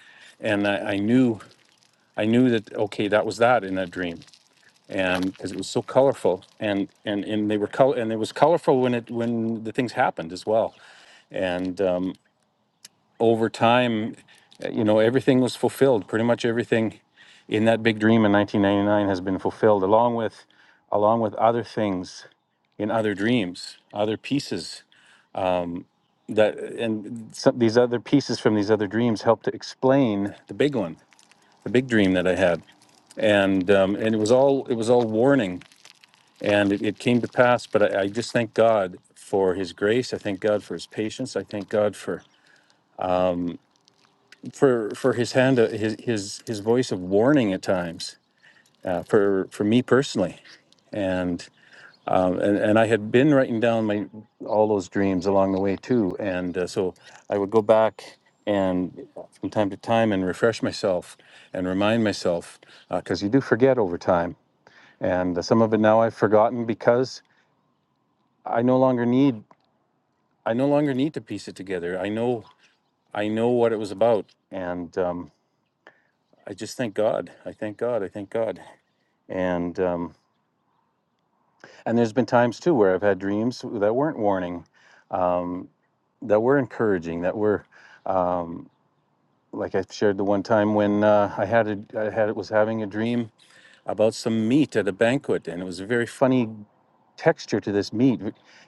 Speaker 5: and I, I knew i knew that okay that was that in that dream and because it was so colorful and and and they were color and it was colorful when it when the things happened as well and um, over time uh, you know everything was fulfilled pretty much everything in that big dream in 1999 has been fulfilled along with along with other things in other dreams other pieces that and some, these other pieces from these other dreams helped to explain the big one the big dream that i had and um, and it was all it was all warning And it, it came to pass, but I, I just thank God for His grace. I thank God for His patience. I thank God for for for His hand, uh, His His His voice of warning at times uh, for for me personally. And, um, and and I had been writing down my all those dreams along the way too, and uh, so I would go back and uh, from time to time and refresh myself and remind myself because you do forget over time, and uh, some of it now I've forgotten because I no longer need I no longer need to piece it together. I know I know what it was about, and um, I just thank God. I thank God. I thank God. And um, and there's been times too where I've had dreams that weren't warning, um, that were encouraging, that were um, like I shared the one time when uh, I had a, I had was having a dream about some meat at a banquet, and it was a very funny texture to this meat.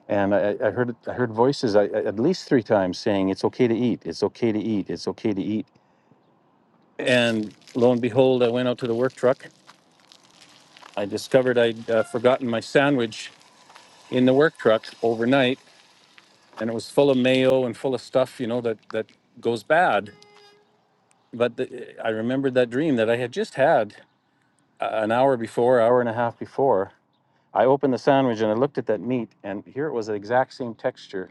Speaker 5: And I, I heard I heard voices I, at least three times saying, "It's okay to eat. It's okay to eat. It's okay to eat." And lo and behold, I went out to the work truck. I discovered I'd uh, forgotten my sandwich in the work truck overnight, and it was full of mayo and full of stuff, you know, that that goes bad. But the, I remembered that dream that I had just had uh, an hour before, hour and a half before, I opened the sandwich and I looked at that meat, and here it was the exact same texture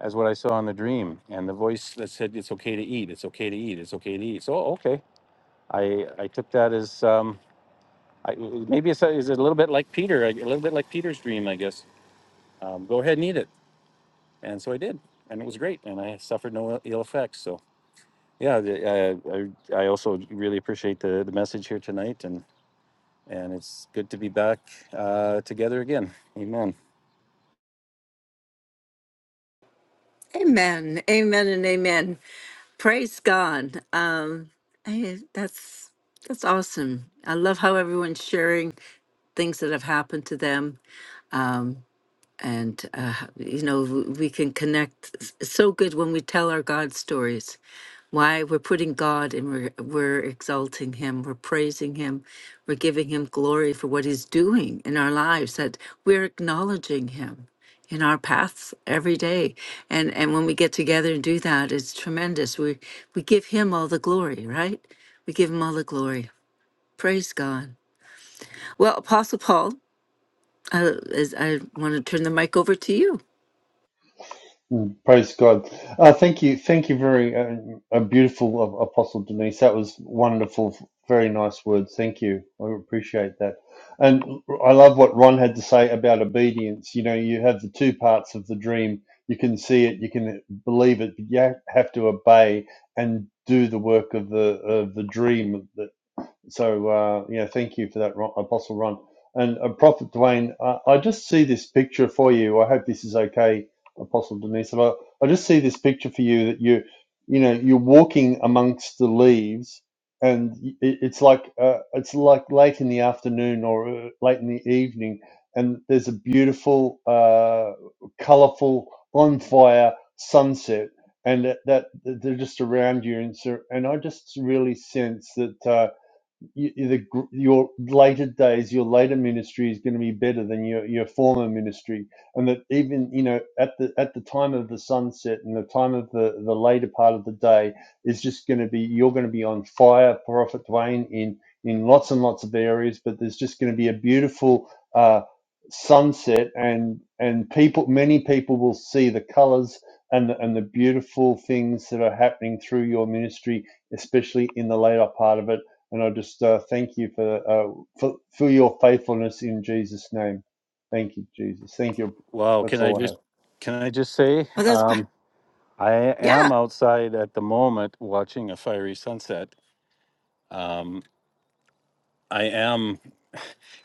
Speaker 5: as what I saw in the dream, and the voice that said, "It's okay to eat. It's okay to eat. It's okay to eat." So okay, I I took that as um, I, maybe it's a, is it a little bit like Peter, a little bit like Peter's dream, I guess. Um, go ahead and eat it, and so I did, and it was great, and I suffered no ill effects. So yeah, the, I, I I also really appreciate the the message here tonight, and and it's good to be back uh, together again. Amen.
Speaker 1: Amen, amen, and amen. Praise God. Um, I, that's that's awesome. I love how everyone's sharing things that have happened to them. Um, and uh, you know w- we can connect It's it's so good when we tell our god stories why we're putting god and we're, we're exalting him we're praising him we're giving him glory for what he's doing in our lives that we're acknowledging him in our paths every day and and when we get together and do that it's tremendous we we give him all the glory right we give him all the glory praise god well apostle paul uh, is, i want to turn the mic over to you
Speaker 2: Mm, Praise God. Uh, thank you. Thank you very uh, uh, beautiful, uh, Apostle Denise. That was wonderful. Very nice words. Thank you. I appreciate that. And I love what Ron had to say about obedience. You know, you have the two parts of the dream. You can see it, you can believe it, but you ha- have to obey and do the work of the of the dream. So uh, yeah, thank you for that, Ron, Apostle Ron and uh, Prophet Dwayne. Uh, I just see this picture for you. I hope this is okay, Apostle Denise. I, I just see this picture for you that you, you know, you're walking amongst the leaves, and it, it's like uh, it's like late in the afternoon or uh, late in the evening, and there's a beautiful, uh, colourful, on fire sunset. And that, that they're just around you, and so, and I just really sense that uh, you, the, your later days, your later ministry is going to be better than your, your former ministry, and that even you know at the at the time of the sunset and the time of the the later part of the day is just going to be you're going to be on fire, Prophet Dwayne, in in lots and lots of areas, but there's just going to be a beautiful uh, sunset, and and people, many people will see the colours. And the, and the beautiful things that are happening through your ministry, especially in the later part of it and I just uh, thank you for, uh, for for your faithfulness in Jesus' name. Thank you, Jesus. Thank you.
Speaker 5: Wow,
Speaker 2: That's
Speaker 5: can I
Speaker 2: all I have.
Speaker 5: just can I just say
Speaker 1: well that's
Speaker 5: um, I am
Speaker 1: Yeah.
Speaker 5: outside at the moment watching a fiery sunset. Um, I am,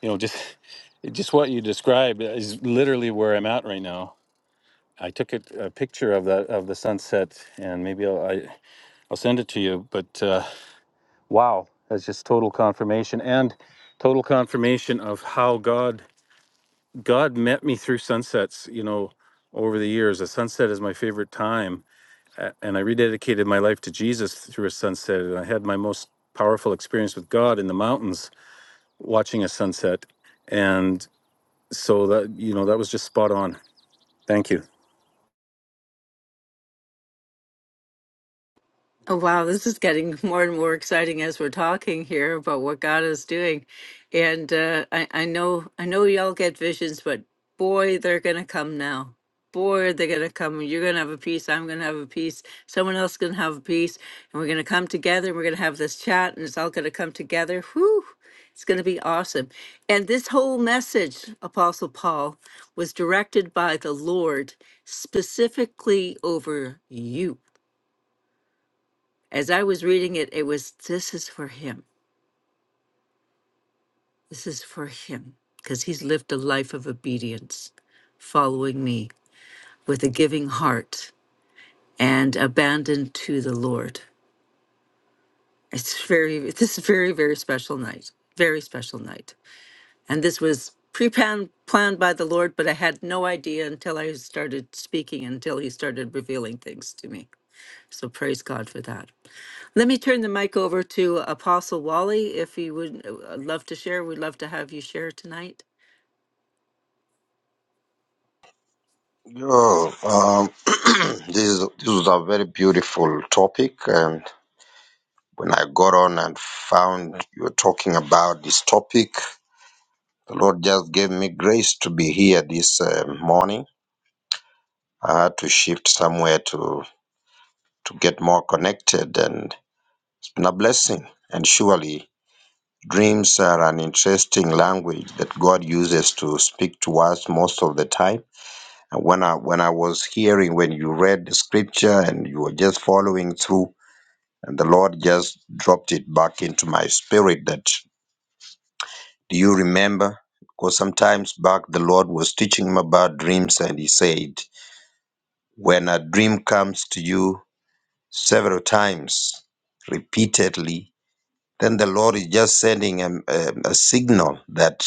Speaker 5: you know, just just what you described is literally where I'm at right now. I took it, a picture of the of the sunset, and maybe I'll I, I'll send it to you. But uh, wow, that's just total confirmation and total confirmation of how God God met me through sunsets. You know, over the years, a sunset is my favorite time a- and I rededicated my life to Jesus through a sunset. And I had my most powerful experience with God in the mountains watching a sunset. And so that, you know, that was just spot on. Thank you.
Speaker 1: Oh, wow. This is getting more and more exciting as we're talking here about what God is doing. And uh, I, I know, I know y'all get visions, but boy, they're going to come now. Boy, are they going to come. You're going to have a piece. I'm going to have a piece. Someone else going to have a piece. And we're going to come together. and We're going to have this chat and it's all going to come together. Whew. It's going to be awesome. And this whole message, Apostle Paul, was directed by the Lord specifically over you As I was reading it, it was this is for him. This is for him because he's lived a life of obedience, following me with a giving heart and abandoned to the Lord. It's very, this is very, very special night. Very special night. And this was pre planned by the Lord, but I had no idea until I started speaking, until he started revealing things to me. So praise God for that. Let me turn the mic over to Apostle Wally. If you would uh, uh, love to share, we'd love to have you share tonight.
Speaker 7: Yo, um, this is, this was a very beautiful topic, and when I got on and found you were talking about this topic, the Lord just gave me grace to be here this um morning. I had to shift somewhere to to get more connected, and it's been a blessing. And surely, dreams are an interesting language that God uses to speak to us most of the time. And when I when I was hearing when you read the scripture and you were just following through And the Lord just dropped it back into my spirit that, do you remember? Because sometimes back the Lord was teaching him about dreams and he said, when a dream comes to you several times, repeatedly, then the Lord is just sending a, a, a signal that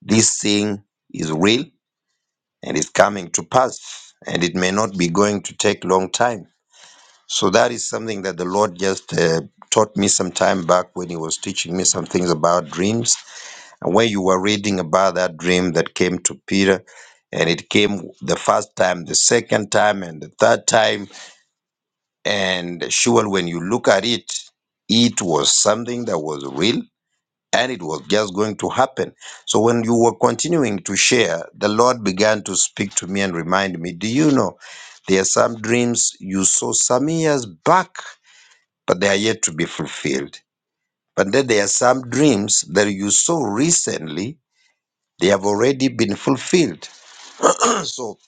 Speaker 7: this thing is real and is coming to pass. And it may not be going to take long time. So that is something that the Lord just uh, taught me some time back when He was teaching me some things about dreams. And when you were reading about that dream that came to Peter, and it came the first time, the second time, and the third time, and sure, when you look at it, it was something that was real and it was just going to happen. So when you were continuing to share, the Lord began to speak to me and remind me, Do you know there are some dreams you saw some years back? but they are yet to be fulfilled. But then there are some dreams that you saw recently, they have already been fulfilled. so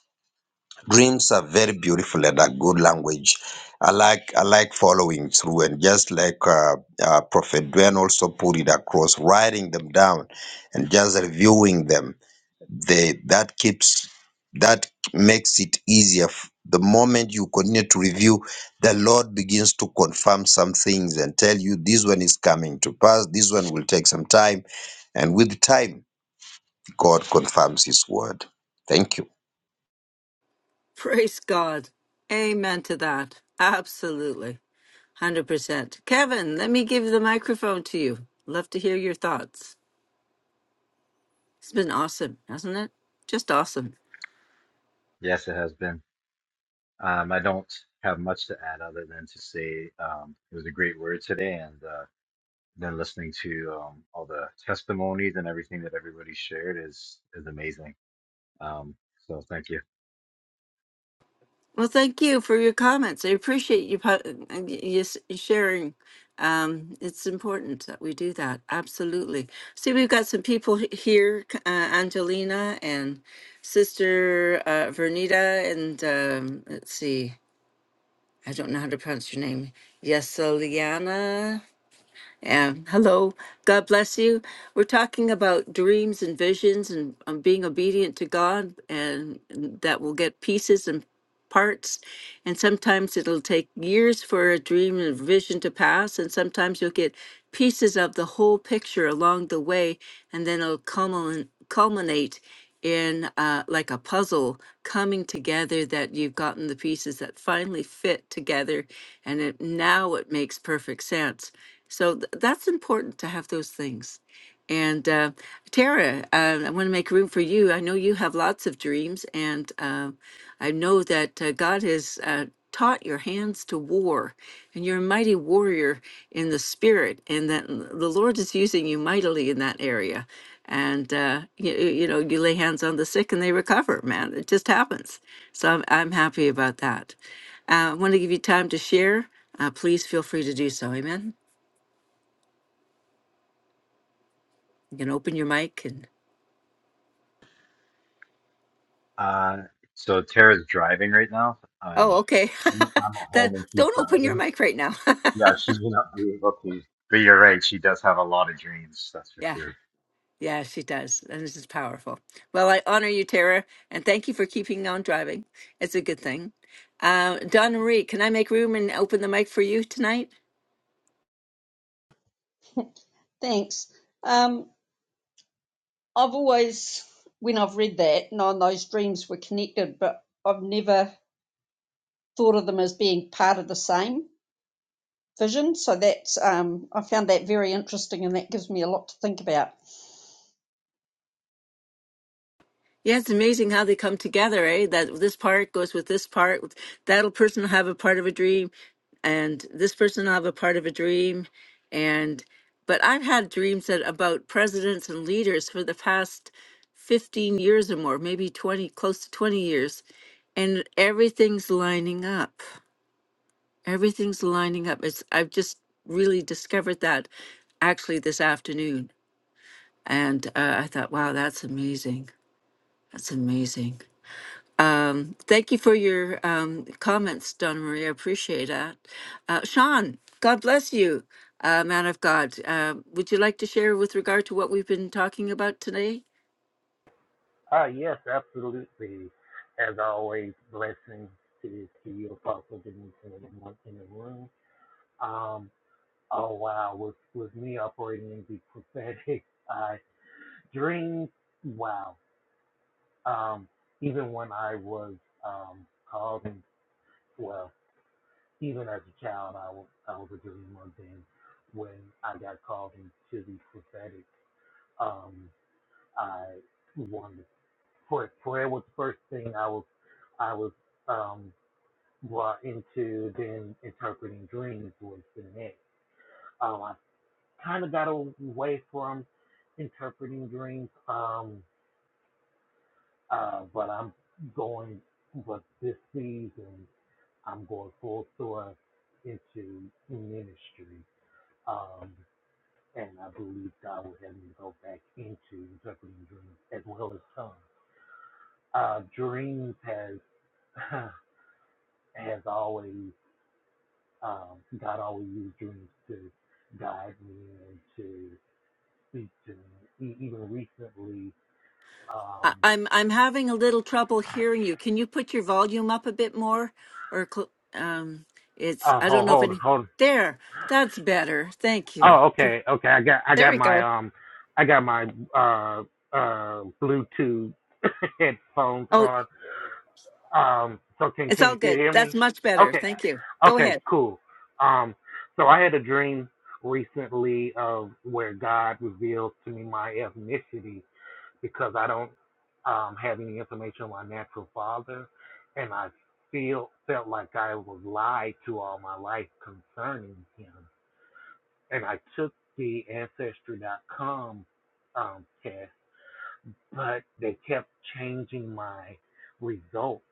Speaker 7: dreams are very beautiful and a good language. I like I like following through and just like uh, uh, Prophet Dwayne also put it across, writing them down and just reviewing them they that keeps that makes it easier f- the moment you continue to review the lord begins to confirm some things and tell you this one is coming to pass this one will take some time and with time god confirms his word thank you
Speaker 1: Praise God. Amen to that. Absolutely. 100%. Kevin, let me give the microphone to you. Love to hear your thoughts. It's been awesome, hasn't it? Just awesome.
Speaker 6: Yes, it has been. Um, I don't have much to add other than to say um, it was a great word today, and uh, then listening to um, all the testimonies and everything that everybody shared is is amazing. Um, so thank you.
Speaker 1: Well, thank you for your comments. I appreciate you po- and y- you s- sharing. Um, it's important that we do that. Absolutely. See, we've got some people he- here, c- uh, Angelina and Sister uh, Vernita, and um, let's see, I don't know how to pronounce your name. Yeseliana. Um, hello. God bless you. We're talking about dreams and visions and um, being obedient to God, and that will get pieces and parts. And sometimes it'll take years for a dream and vision to pass. And sometimes you'll get pieces of the whole picture along the way. And then it'll culmin- culminate in uh, like a puzzle coming together that you've gotten the pieces that finally fit together. And it, now it makes perfect sense. So th- that's important to have those things. And uh, Tara, uh, I want to make room for you. I know you have lots of dreams, and uh, I know that uh, God has uh, taught your hands to war, and you're a mighty warrior in the spirit, and that l- the Lord is using you mightily in that area. And uh, you, you know, you lay hands on the sick and they recover, man. It just happens. So I'm, I'm happy about that. Uh, I want to give you time to share. Uh, please feel free to do so. Amen. You can open your mic
Speaker 6: Uh, so Tara's driving right now.
Speaker 1: Oh,
Speaker 6: I'm
Speaker 1: okay.
Speaker 6: I'm I'm at home
Speaker 1: That
Speaker 6: and she's
Speaker 1: don't open your
Speaker 6: driving.
Speaker 1: mic right now.
Speaker 6: Yeah, she may not be able to. But you're right. She does have a lot of dreams. That's for
Speaker 1: Yeah,
Speaker 6: sure.
Speaker 1: yeah, she does. And this is powerful. Well, I honor you, Tara, and thank you for keeping on driving. It's a good thing. Uh, Donna Marie, can I make room and open the mic for you tonight?
Speaker 8: Thanks. Um, I've always, when I've read that, known those dreams were connected, but I've never thought of them as being part of the same vision. So that's, um, I found that very interesting and that gives me a lot to think about.
Speaker 1: Yeah, it's amazing how they come together, eh? That this part goes with this part. That'll person will have a part of a dream, and this person will have a part of a dream, and but I've had dreams that about presidents and leaders for the past fifteen years or more, maybe twenty, close to twenty years, and everything's lining up. Everything's lining up. It's I've just really discovered that actually this afternoon, and uh, I thought, wow, that's amazing. That's amazing. Um, thank you for your um, comments, Donna Maria. Appreciate that. Uh, Sean, God bless you, uh, man of God. Uh, would you like to share with regard to what we've been talking about today?
Speaker 9: Ah, yes, absolutely. As always, blessings to, to you, Apostle Denise, and everyone in the room. Um, oh wow, With with me operating in the prophetic I dreams? Wow. Um, even when I was um, called, and well, even as a child, I was I was a dreamer. Then, when I got called into the prophetic, um, I wanted prayer. Prayer was the first thing I was I was. Um, well, into then interpreting dreams was the next. Um, I kind of got away from interpreting dreams, um, uh, but I'm going, but this season, I'm going full thrust into ministry. Um, and I believe God will have me go back into interpreting dreams as well as tongues. Uh, dreams has has always um, God always used dreams to guide me and to speak to me. E- even recently, um,
Speaker 1: I- I'm I'm having a little trouble hearing you. Can you put your volume up a bit more, or cl- um, it's
Speaker 9: oh,
Speaker 1: I don't
Speaker 9: hold,
Speaker 1: know if
Speaker 9: hold,
Speaker 1: any.
Speaker 9: hold.
Speaker 1: There, that's better. Thank you.
Speaker 9: Oh, okay, okay. I got, I
Speaker 1: There
Speaker 9: got
Speaker 1: we go.
Speaker 9: my, um, I got my, uh, uh, Bluetooth headphones
Speaker 1: Oh,
Speaker 9: on. Um, so can,
Speaker 1: it's
Speaker 9: can
Speaker 1: all
Speaker 9: you still
Speaker 1: good.
Speaker 9: hear
Speaker 1: That's
Speaker 9: me?
Speaker 1: much better.
Speaker 9: Okay,
Speaker 1: Thank you. Go ahead.
Speaker 9: okay, cool. Um, so I had a dream recently of where God revealed to me my ethnicity because I don't um, have any information on my natural father, and I feel felt like I was lied to all my life concerning him. And I took the Ancestry Ancestry.com um, test, but they kept changing my results.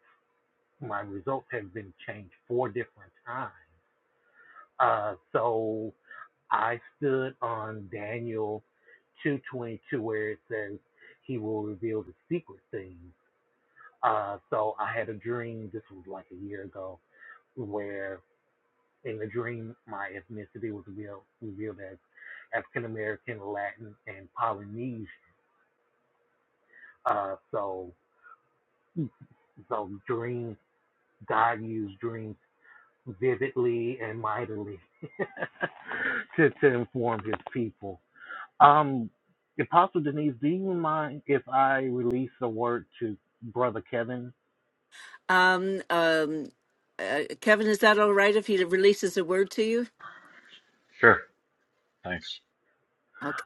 Speaker 9: My results have been changed four different times. Uh, so I stood on Daniel 2:22, where it says, "He will reveal the secret things." Uh, so I had a dream. This was like a year ago, where in the dream my ethnicity was revealed, revealed as African American, Latin, and Polynesian. Uh, so so dream God used dreams vividly and mightily to to inform His people. Um, Apostle Denise, do you mind if I release a word to Brother Kevin?
Speaker 1: Um, um, uh, Kevin, is that all right if he releases a word to you?
Speaker 6: Sure. Thanks.
Speaker 1: Okay.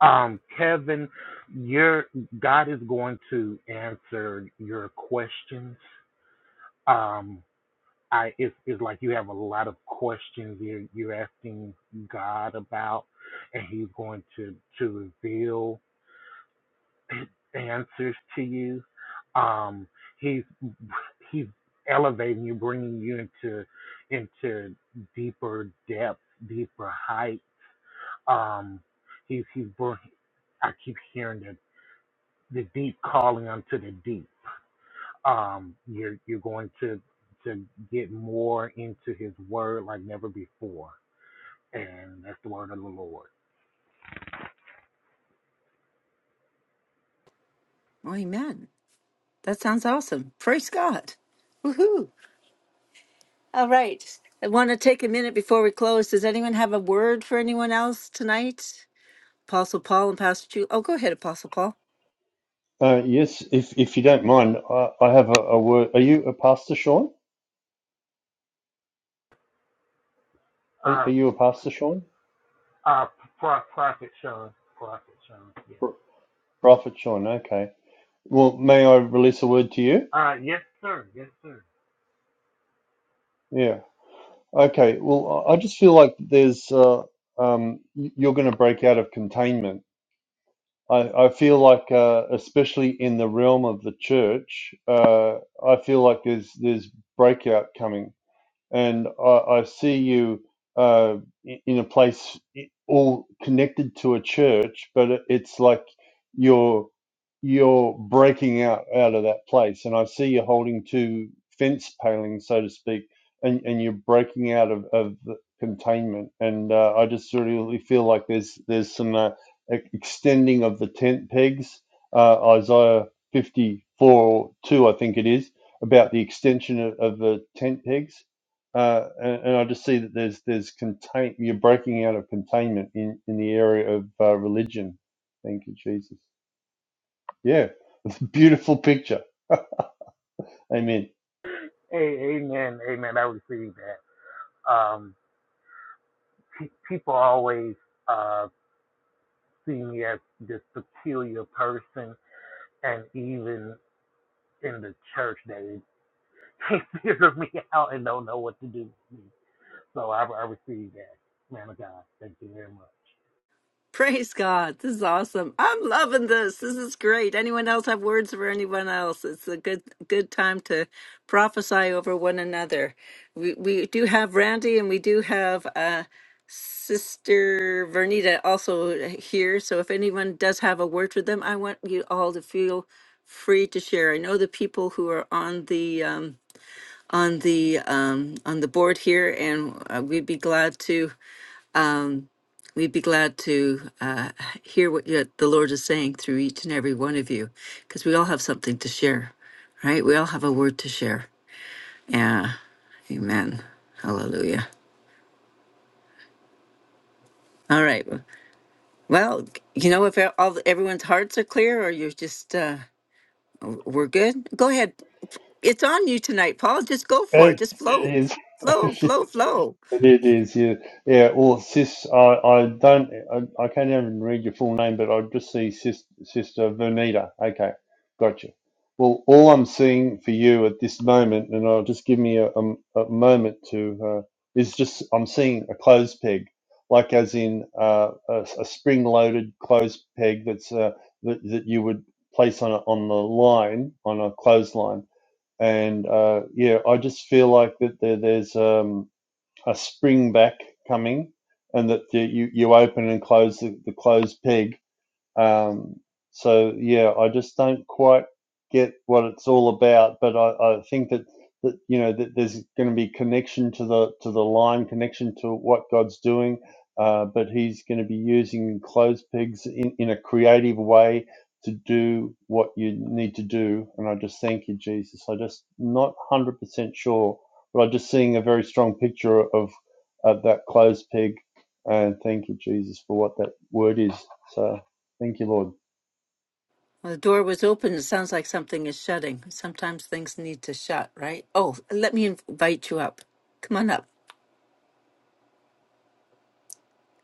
Speaker 9: Um, Kevin, your God is going to answer your questions. Um, I it's, it's like you have a lot of questions you're you're asking God about, and He's going to to reveal His answers to you. Um, he's he's elevating you, bringing you into into deeper depths, deeper height. Um, he's he's br- I keep hearing that. the deep calling unto the deep. Um, you're you're going to to get more into His Word like never before, and that's the word of the Lord.
Speaker 1: Amen. That sounds awesome. Praise God. Woohoo. All right. I want to take a minute before we close. Does anyone have a word for anyone else tonight? Apostle Paul and Pastor Chu. Oh, go ahead, Apostle Paul.
Speaker 2: Uh, yes, if if you don't mind, I, I have a, a word. Are you a pastor, Sean? Are, are
Speaker 9: Uh,
Speaker 2: you a pastor, Sean?
Speaker 9: uh, pro- prophet Sean, prophet Sean, yes.
Speaker 2: Pro- Prophet Sean. Okay. Well, may I release a word to you?
Speaker 9: Uh, yes, sir, yes, sir.
Speaker 2: Yeah. Okay. Well, I I just feel like there's uh, um, y- you're going to break out of containment I, I feel like, uh, especially in the realm of the church, uh, I feel like there's there's breakout coming and I, I see you uh, in a place all connected to a church, but it- it's like you're you're breaking out out of that place, and I see you holding two fence palings, so to speak, and and you're breaking out of of the containment, and uh, I just really really feel like there's there's some uh, e- extending of the tent pegs, uh, Isaiah fifty four two, I think it is about the extension of, of the tent pegs uh, and, and I just see that there's there's contain you're breaking out of containment in in the area of uh, religion. Thank you, Jesus. Yeah, it's a beautiful picture. Amen.
Speaker 9: A- amen, amen. I receive that. Um, pe- people always uh see me as this peculiar person, and even in the church, they they figure me out and don't know what to do. with me. So I, I received that, man of God. Thank you very much.
Speaker 1: Praise God. This is awesome. I'm loving this. This is great. Anyone else have words for anyone else? It's a good good time to prophesy over one another. We we do have Randy and we do have uh Sister Vernita also here, so if anyone does have a word with them, I want you all to feel free to share. I know the people who are on the um, on the um, on the board here, and uh, we'd be glad to um, we'd be glad to uh, hear what you, the Lord is saying through each and every one of you, because we all have something to share, right? We all have a word to share. Yeah, Amen. Hallelujah. All right. Well, you know, if all everyone's hearts are clear, or you're just uh, we're good. Go ahead. It's on you tonight, Paul. Just go for it.
Speaker 2: It,
Speaker 1: Just flow,
Speaker 2: it
Speaker 1: flow,
Speaker 2: is.
Speaker 1: flow, flow.
Speaker 2: It is, yeah. Yeah, well, sis, I, I don't, I, I can't even read your full name, but I just see sis, Sister Vernita. Okay, gotcha. Well, all I'm seeing for you at this moment, and I'll just give me a, a, a moment to, uh, is just, I'm seeing a clothes peg, like as in uh, a, a spring-loaded clothes peg that's, uh, that, that you would place on a, on the line, on a clothesline. And uh, yeah, I just feel like that there, there's. um a spring back coming and that the, you, you open and close the, the closed peg um, so yeah, I just don't quite get what it's all about, but I, I think that that you know that there's going to be connection to the to the line, connection to what God's doing, uh, but He's going to be using clothes pegs in, in a creative way to do what you need to do. And I just thank you, Jesus. I just not one hundred percent sure, but I'm just seeing a very strong picture of, of that clothes peg. And thank you, Jesus, for what that word is. So. Thank you, Lord.
Speaker 1: Well, the door was open. It sounds like something is shutting. Sometimes things need to shut, right? Oh, let me invite you up. Come on up.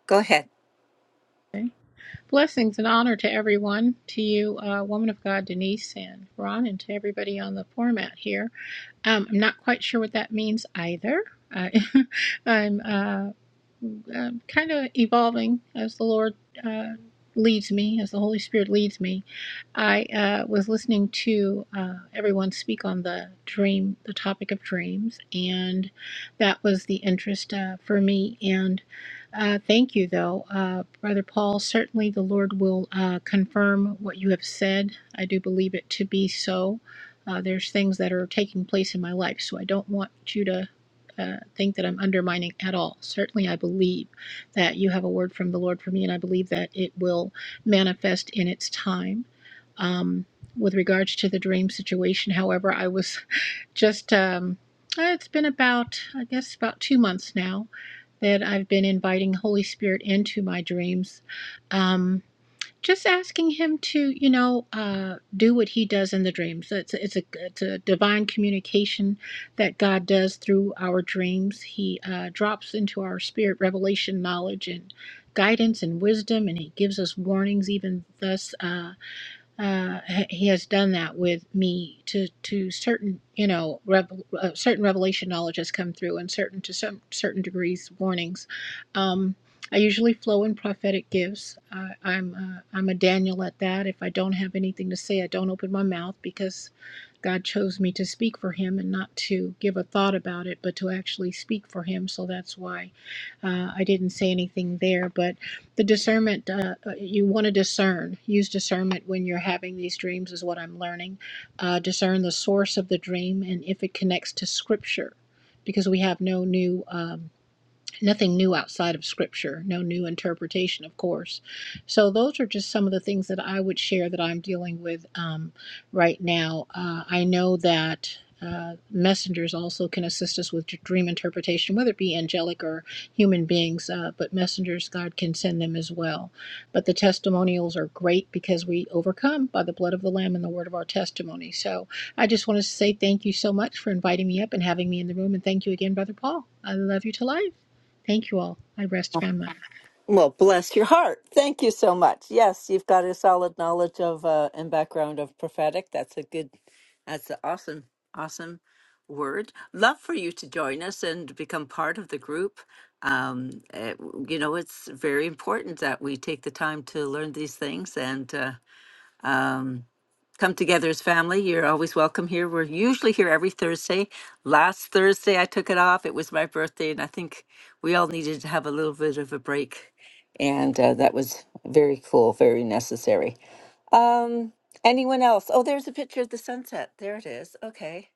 Speaker 1: Go ahead.
Speaker 10: Blessings and honor to everyone, to you, uh, woman of God, Denise and Ron, and to everybody on the format here. Um, I'm not quite sure what that means either. I, I'm uh, um, kind of evolving as the Lord uh, leads me, as the Holy Spirit leads me. I uh, was listening to uh, everyone speak on the dream, the topic of dreams, and that was the interest uh, for me. And uh, thank you, though, uh, Brother Paul. Certainly, the Lord will uh, confirm what you have said. I do believe it to be so. Uh, there's things that are taking place in my life, so I don't want you to uh, think that I'm undermining at all. Certainly, I believe that you have a word from the Lord for me, and I believe that it will manifest in its time. Um, with regards to the dream situation, however, I was just, um, uh, it's been about, I guess, about two months now that I've been inviting Holy Spirit into my dreams. Um, just asking him to you know uh, do what he does in the dreams it's a, it's a it's a divine communication that god does through our dreams he uh, drops into our spirit revelation knowledge and guidance and wisdom and he gives us warnings even thus Uh, uh, he has done that with me to to certain you know revel, uh, certain revelation knowledge has come through and certain to some certain degrees warnings um, I usually flow in prophetic gifts I, I'm uh, I'm a Daniel at that if I don't have anything to say I don't open my mouth because God chose me to speak for him and not to give a thought about it but to actually speak for him so that's why uh, I didn't say anything there but the discernment, uh, uh, you want to discern. Use discernment when you're having these dreams, is what I'm learning. Uh, discern the source of the dream and if it connects to scripture, because we have no new. um, nothing new outside of scripture, no new interpretation, of course. So, those are just some of the things that I would share that I'm dealing with um, right now. Uh, I know that. Uh, messengers also can assist us with dream interpretation, whether it be angelic or human beings, uh, but messengers, God can send them as well. But the testimonials are great because we overcome by the blood of the Lamb and the word of our testimony. So I just wanted to say thank you so much for inviting me up and having me in the room. And thank you again, Brother Paul. I love you to life. Thank you all. I rest my mind.
Speaker 1: Well, bless your heart. Thank you so much. Yes, you've got a solid knowledge of uh, and background of prophetic. That's a good. That's a awesome. Awesome word. Love for you to join us and become part of the group. Um, eh, w- you know, it's very important that we take the time to learn these things and uh, come together as family. You're always welcome here. We're usually here every Thursday. Last Thursday, I took it off. It was my birthday, and I think we all needed to have a little bit of a break. And uh, that was very cool, very necessary. Um, anyone else? Oh, there's a picture of the sunset. There it is. Okay.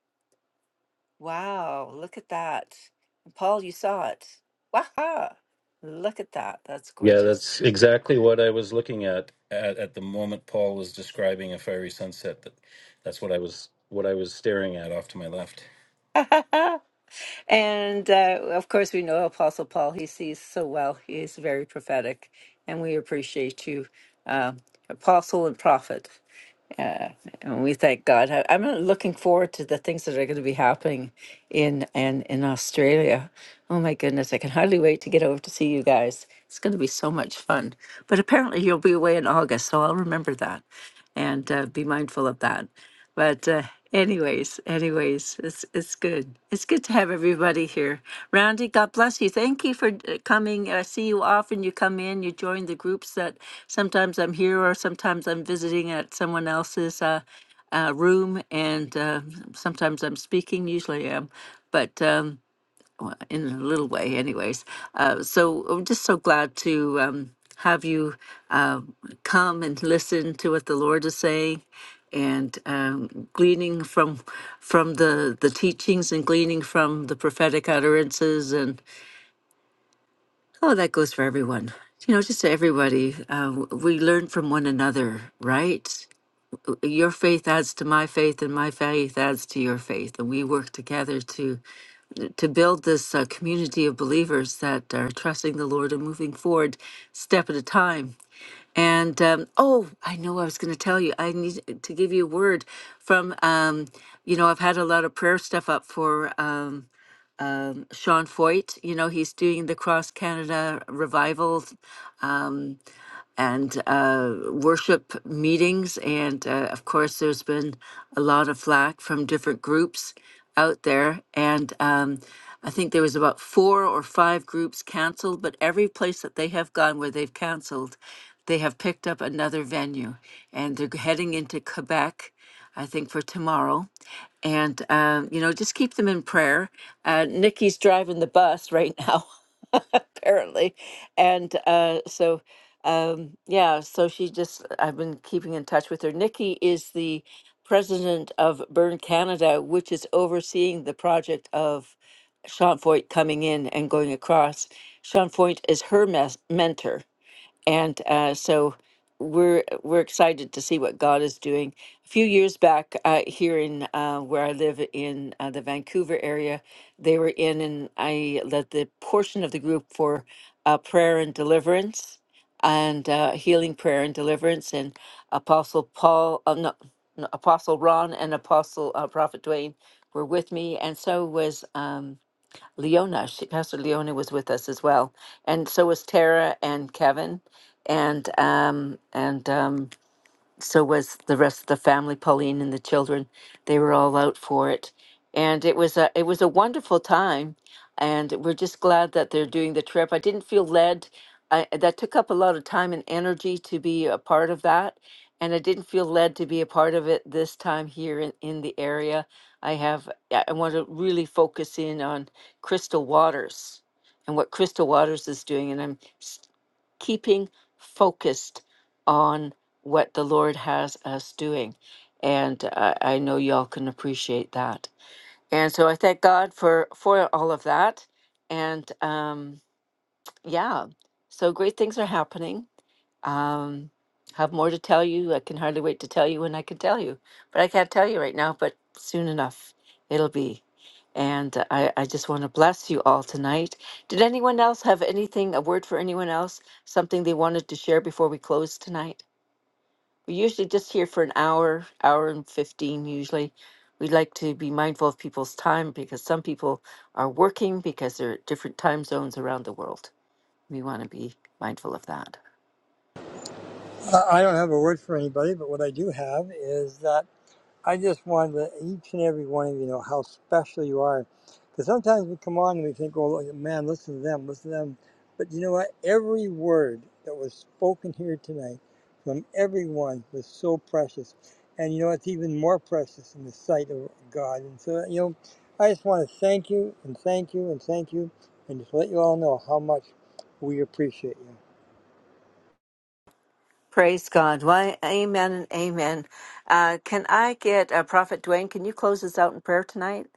Speaker 1: Wow, look at that. And Paul, you saw it. Waha! Look at that. That's
Speaker 5: Yeah,
Speaker 1: gorgeous.
Speaker 5: that's exactly what I was looking at at, at the moment Paul was describing a fiery sunset. That that's what I was what I was staring at off to my left.
Speaker 1: And uh, of course, we know Apostle Paul, he sees so well. He is very prophetic, and we appreciate you, um, Apostle and Prophet. Yeah, and we thank God. I- I'm looking forward to the things that are going to be happening in and in Australia. Oh my goodness, I can hardly wait to get over to see you guys. It's going to be so much fun. But apparently, you'll be away in August, so I'll remember that and uh, be mindful of that. But uh, anyways, anyways, it's it's good. It's good to have everybody here. Randy, God bless you. Thank you for uh, coming. I see you often. You come in. You join the groups that sometimes I'm here or sometimes I'm visiting at someone else's uh, uh, room, and uh, sometimes I'm speaking. Usually I am, but. Um, in a little way, anyways. Uh, so I'm just so glad to um, have you uh, come and listen to what the Lord is saying, and um, gleaning from from the the teachings and gleaning from the prophetic utterances, and oh, that goes for everyone. You know, just to everybody, uh, w- we learn from one another, right? Your faith adds to my faith, and my faith adds to your faith, and we work together to to build this uh, community of believers that are trusting the Lord and moving forward step at a time. And um, oh, I know I was going to tell you, I need to give you a word from, um, you know, I've had a lot of prayer stuff up for um, Sean Foyt. You know, he's doing the Cross Canada Revival and uh, worship meetings. And uh, of course, there's been a lot of flack from different groups out there. And um, I think there was about four or five groups canceled, but every place that they have gone where they've canceled, they have picked up another venue, and they're heading into Quebec. I think, for tomorrow. And, um, you know, just keep them in prayer. Uh, Nikki's driving the bus right now, apparently. And uh, so, um, yeah, so she just, I've been keeping in touch with her. Nikki is the president of Burn Canada, which is overseeing the project of Sean Foyt coming in and going across. Sean Foyt is her mes- mentor and uh, so we're we're excited to see what God is doing. A few years back, uh, here in uh, where I live in uh, the Vancouver area, they were in, and I led the portion of the group for uh, prayer and deliverance, and uh, healing prayer and deliverance, and Apostle Paul, uh, no, no, Apostle Ron, and Apostle uh, Prophet Dwayne were with me, and so was. Um, Leona. She, Pastor Leona was with us as well, and so was Tara and Kevin, and um, and um, so was the rest of the family, Pauline and the children. They were all out for it, and it was a it was a wonderful time, and we're just glad that they're doing the trip. I didn't feel led. I, that took up a lot of time and energy to be a part of that, and I didn't feel led to be a part of it this time here in, in the area. I have I I want to really focus in on Crystal Waters and what Crystal Waters is doing, and I'm keeping focused on what the Lord has us doing. And uh, I know y'all can appreciate that. And so I thank God for for all of that. And um, yeah, so great things are happening. Um, have more to tell you. I can hardly wait to tell you when I can tell you, but I can't tell you right now. But soon enough, it'll be. And uh, I, I just want to bless you all tonight. Did anyone else have anything, a word for anyone else, something they wanted to share before we close tonight? We're usually just here for an hour, hour and 15 usually. We like to be mindful of people's time because some people are working because they're at different time zones around the world. We want to be mindful of that.
Speaker 3: I I don't have a word for anybody, but what I do have is that I just wanted to let each and every one of you know how special you are. Because sometimes we come on and we think, oh, man, listen to them, listen to them. But you know what? Every word that was spoken here tonight from everyone was so precious. And you know, it's even more precious in the sight of God. And so, you know, I just want to thank you and thank you and thank you and just let you all know how much we appreciate you.
Speaker 1: Praise God. Why, amen and amen. Uh, can I get uh, Prophet Dwayne? Can you close us out in prayer tonight?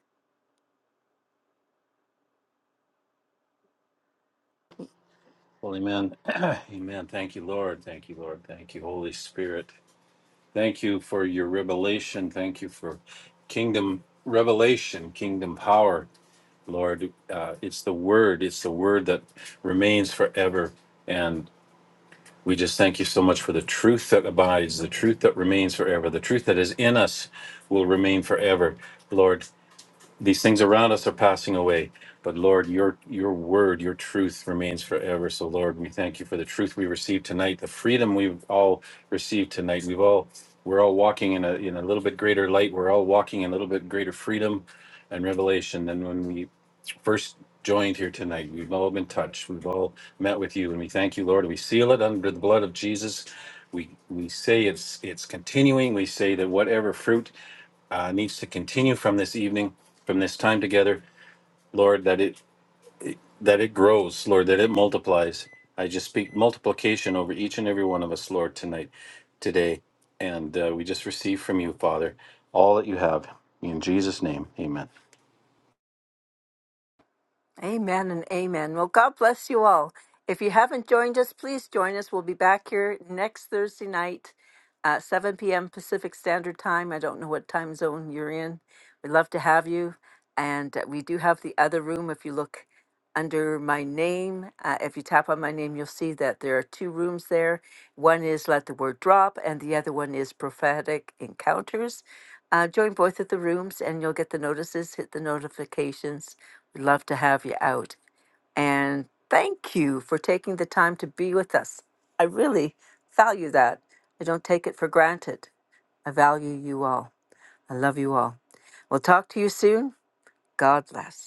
Speaker 5: Well, amen. amen. Thank you, Lord. Thank you, Lord. Thank you, Holy Spirit. Thank you for your revelation. Thank you for kingdom revelation, kingdom power, Lord. Uh, it's the word, it's the word that remains forever. And we just thank you so much for the truth that abides, the truth that remains forever, the truth that is in us will remain forever. Lord, these things around us are passing away, but Lord, your your word, your truth remains forever. So Lord, we thank you for the truth we received tonight, the freedom we've all received tonight. We've all we're all walking in a in a little bit greater light. We're all walking in a little bit greater freedom and revelation than when we first joined here tonight. We've all been touched. We've all met with you, and we thank you, Lord. We seal it under the blood of Jesus. We we say it's it's continuing. We say that whatever fruit uh, needs to continue from this evening, from this time together, Lord, that it that it grows, Lord, that it multiplies. I just speak multiplication over each and every one of us, Lord, tonight, today, and uh, we just receive from you, Father, all that you have. In Jesus' name, Amen.
Speaker 1: Amen and amen. Well, God bless you all. If you haven't joined us, please join us. We'll be back here next Thursday night. Uh, 7 p.m. Pacific Standard Time. I don't know what time zone you're in. We'd love to have you. And uh, we do have the other room. If you look under my name, uh, if you tap on my name, you'll see that there are two rooms there. One is Let the Word Drop, and the other one is Prophetic Encounters. Uh, join both of the rooms, and you'll get the notices, hit the notifications. We'd love to have you out. And thank you for taking the time to be with us. I really value that. I don't take it for granted. I value you all. I love you all. We'll talk to you soon. God bless.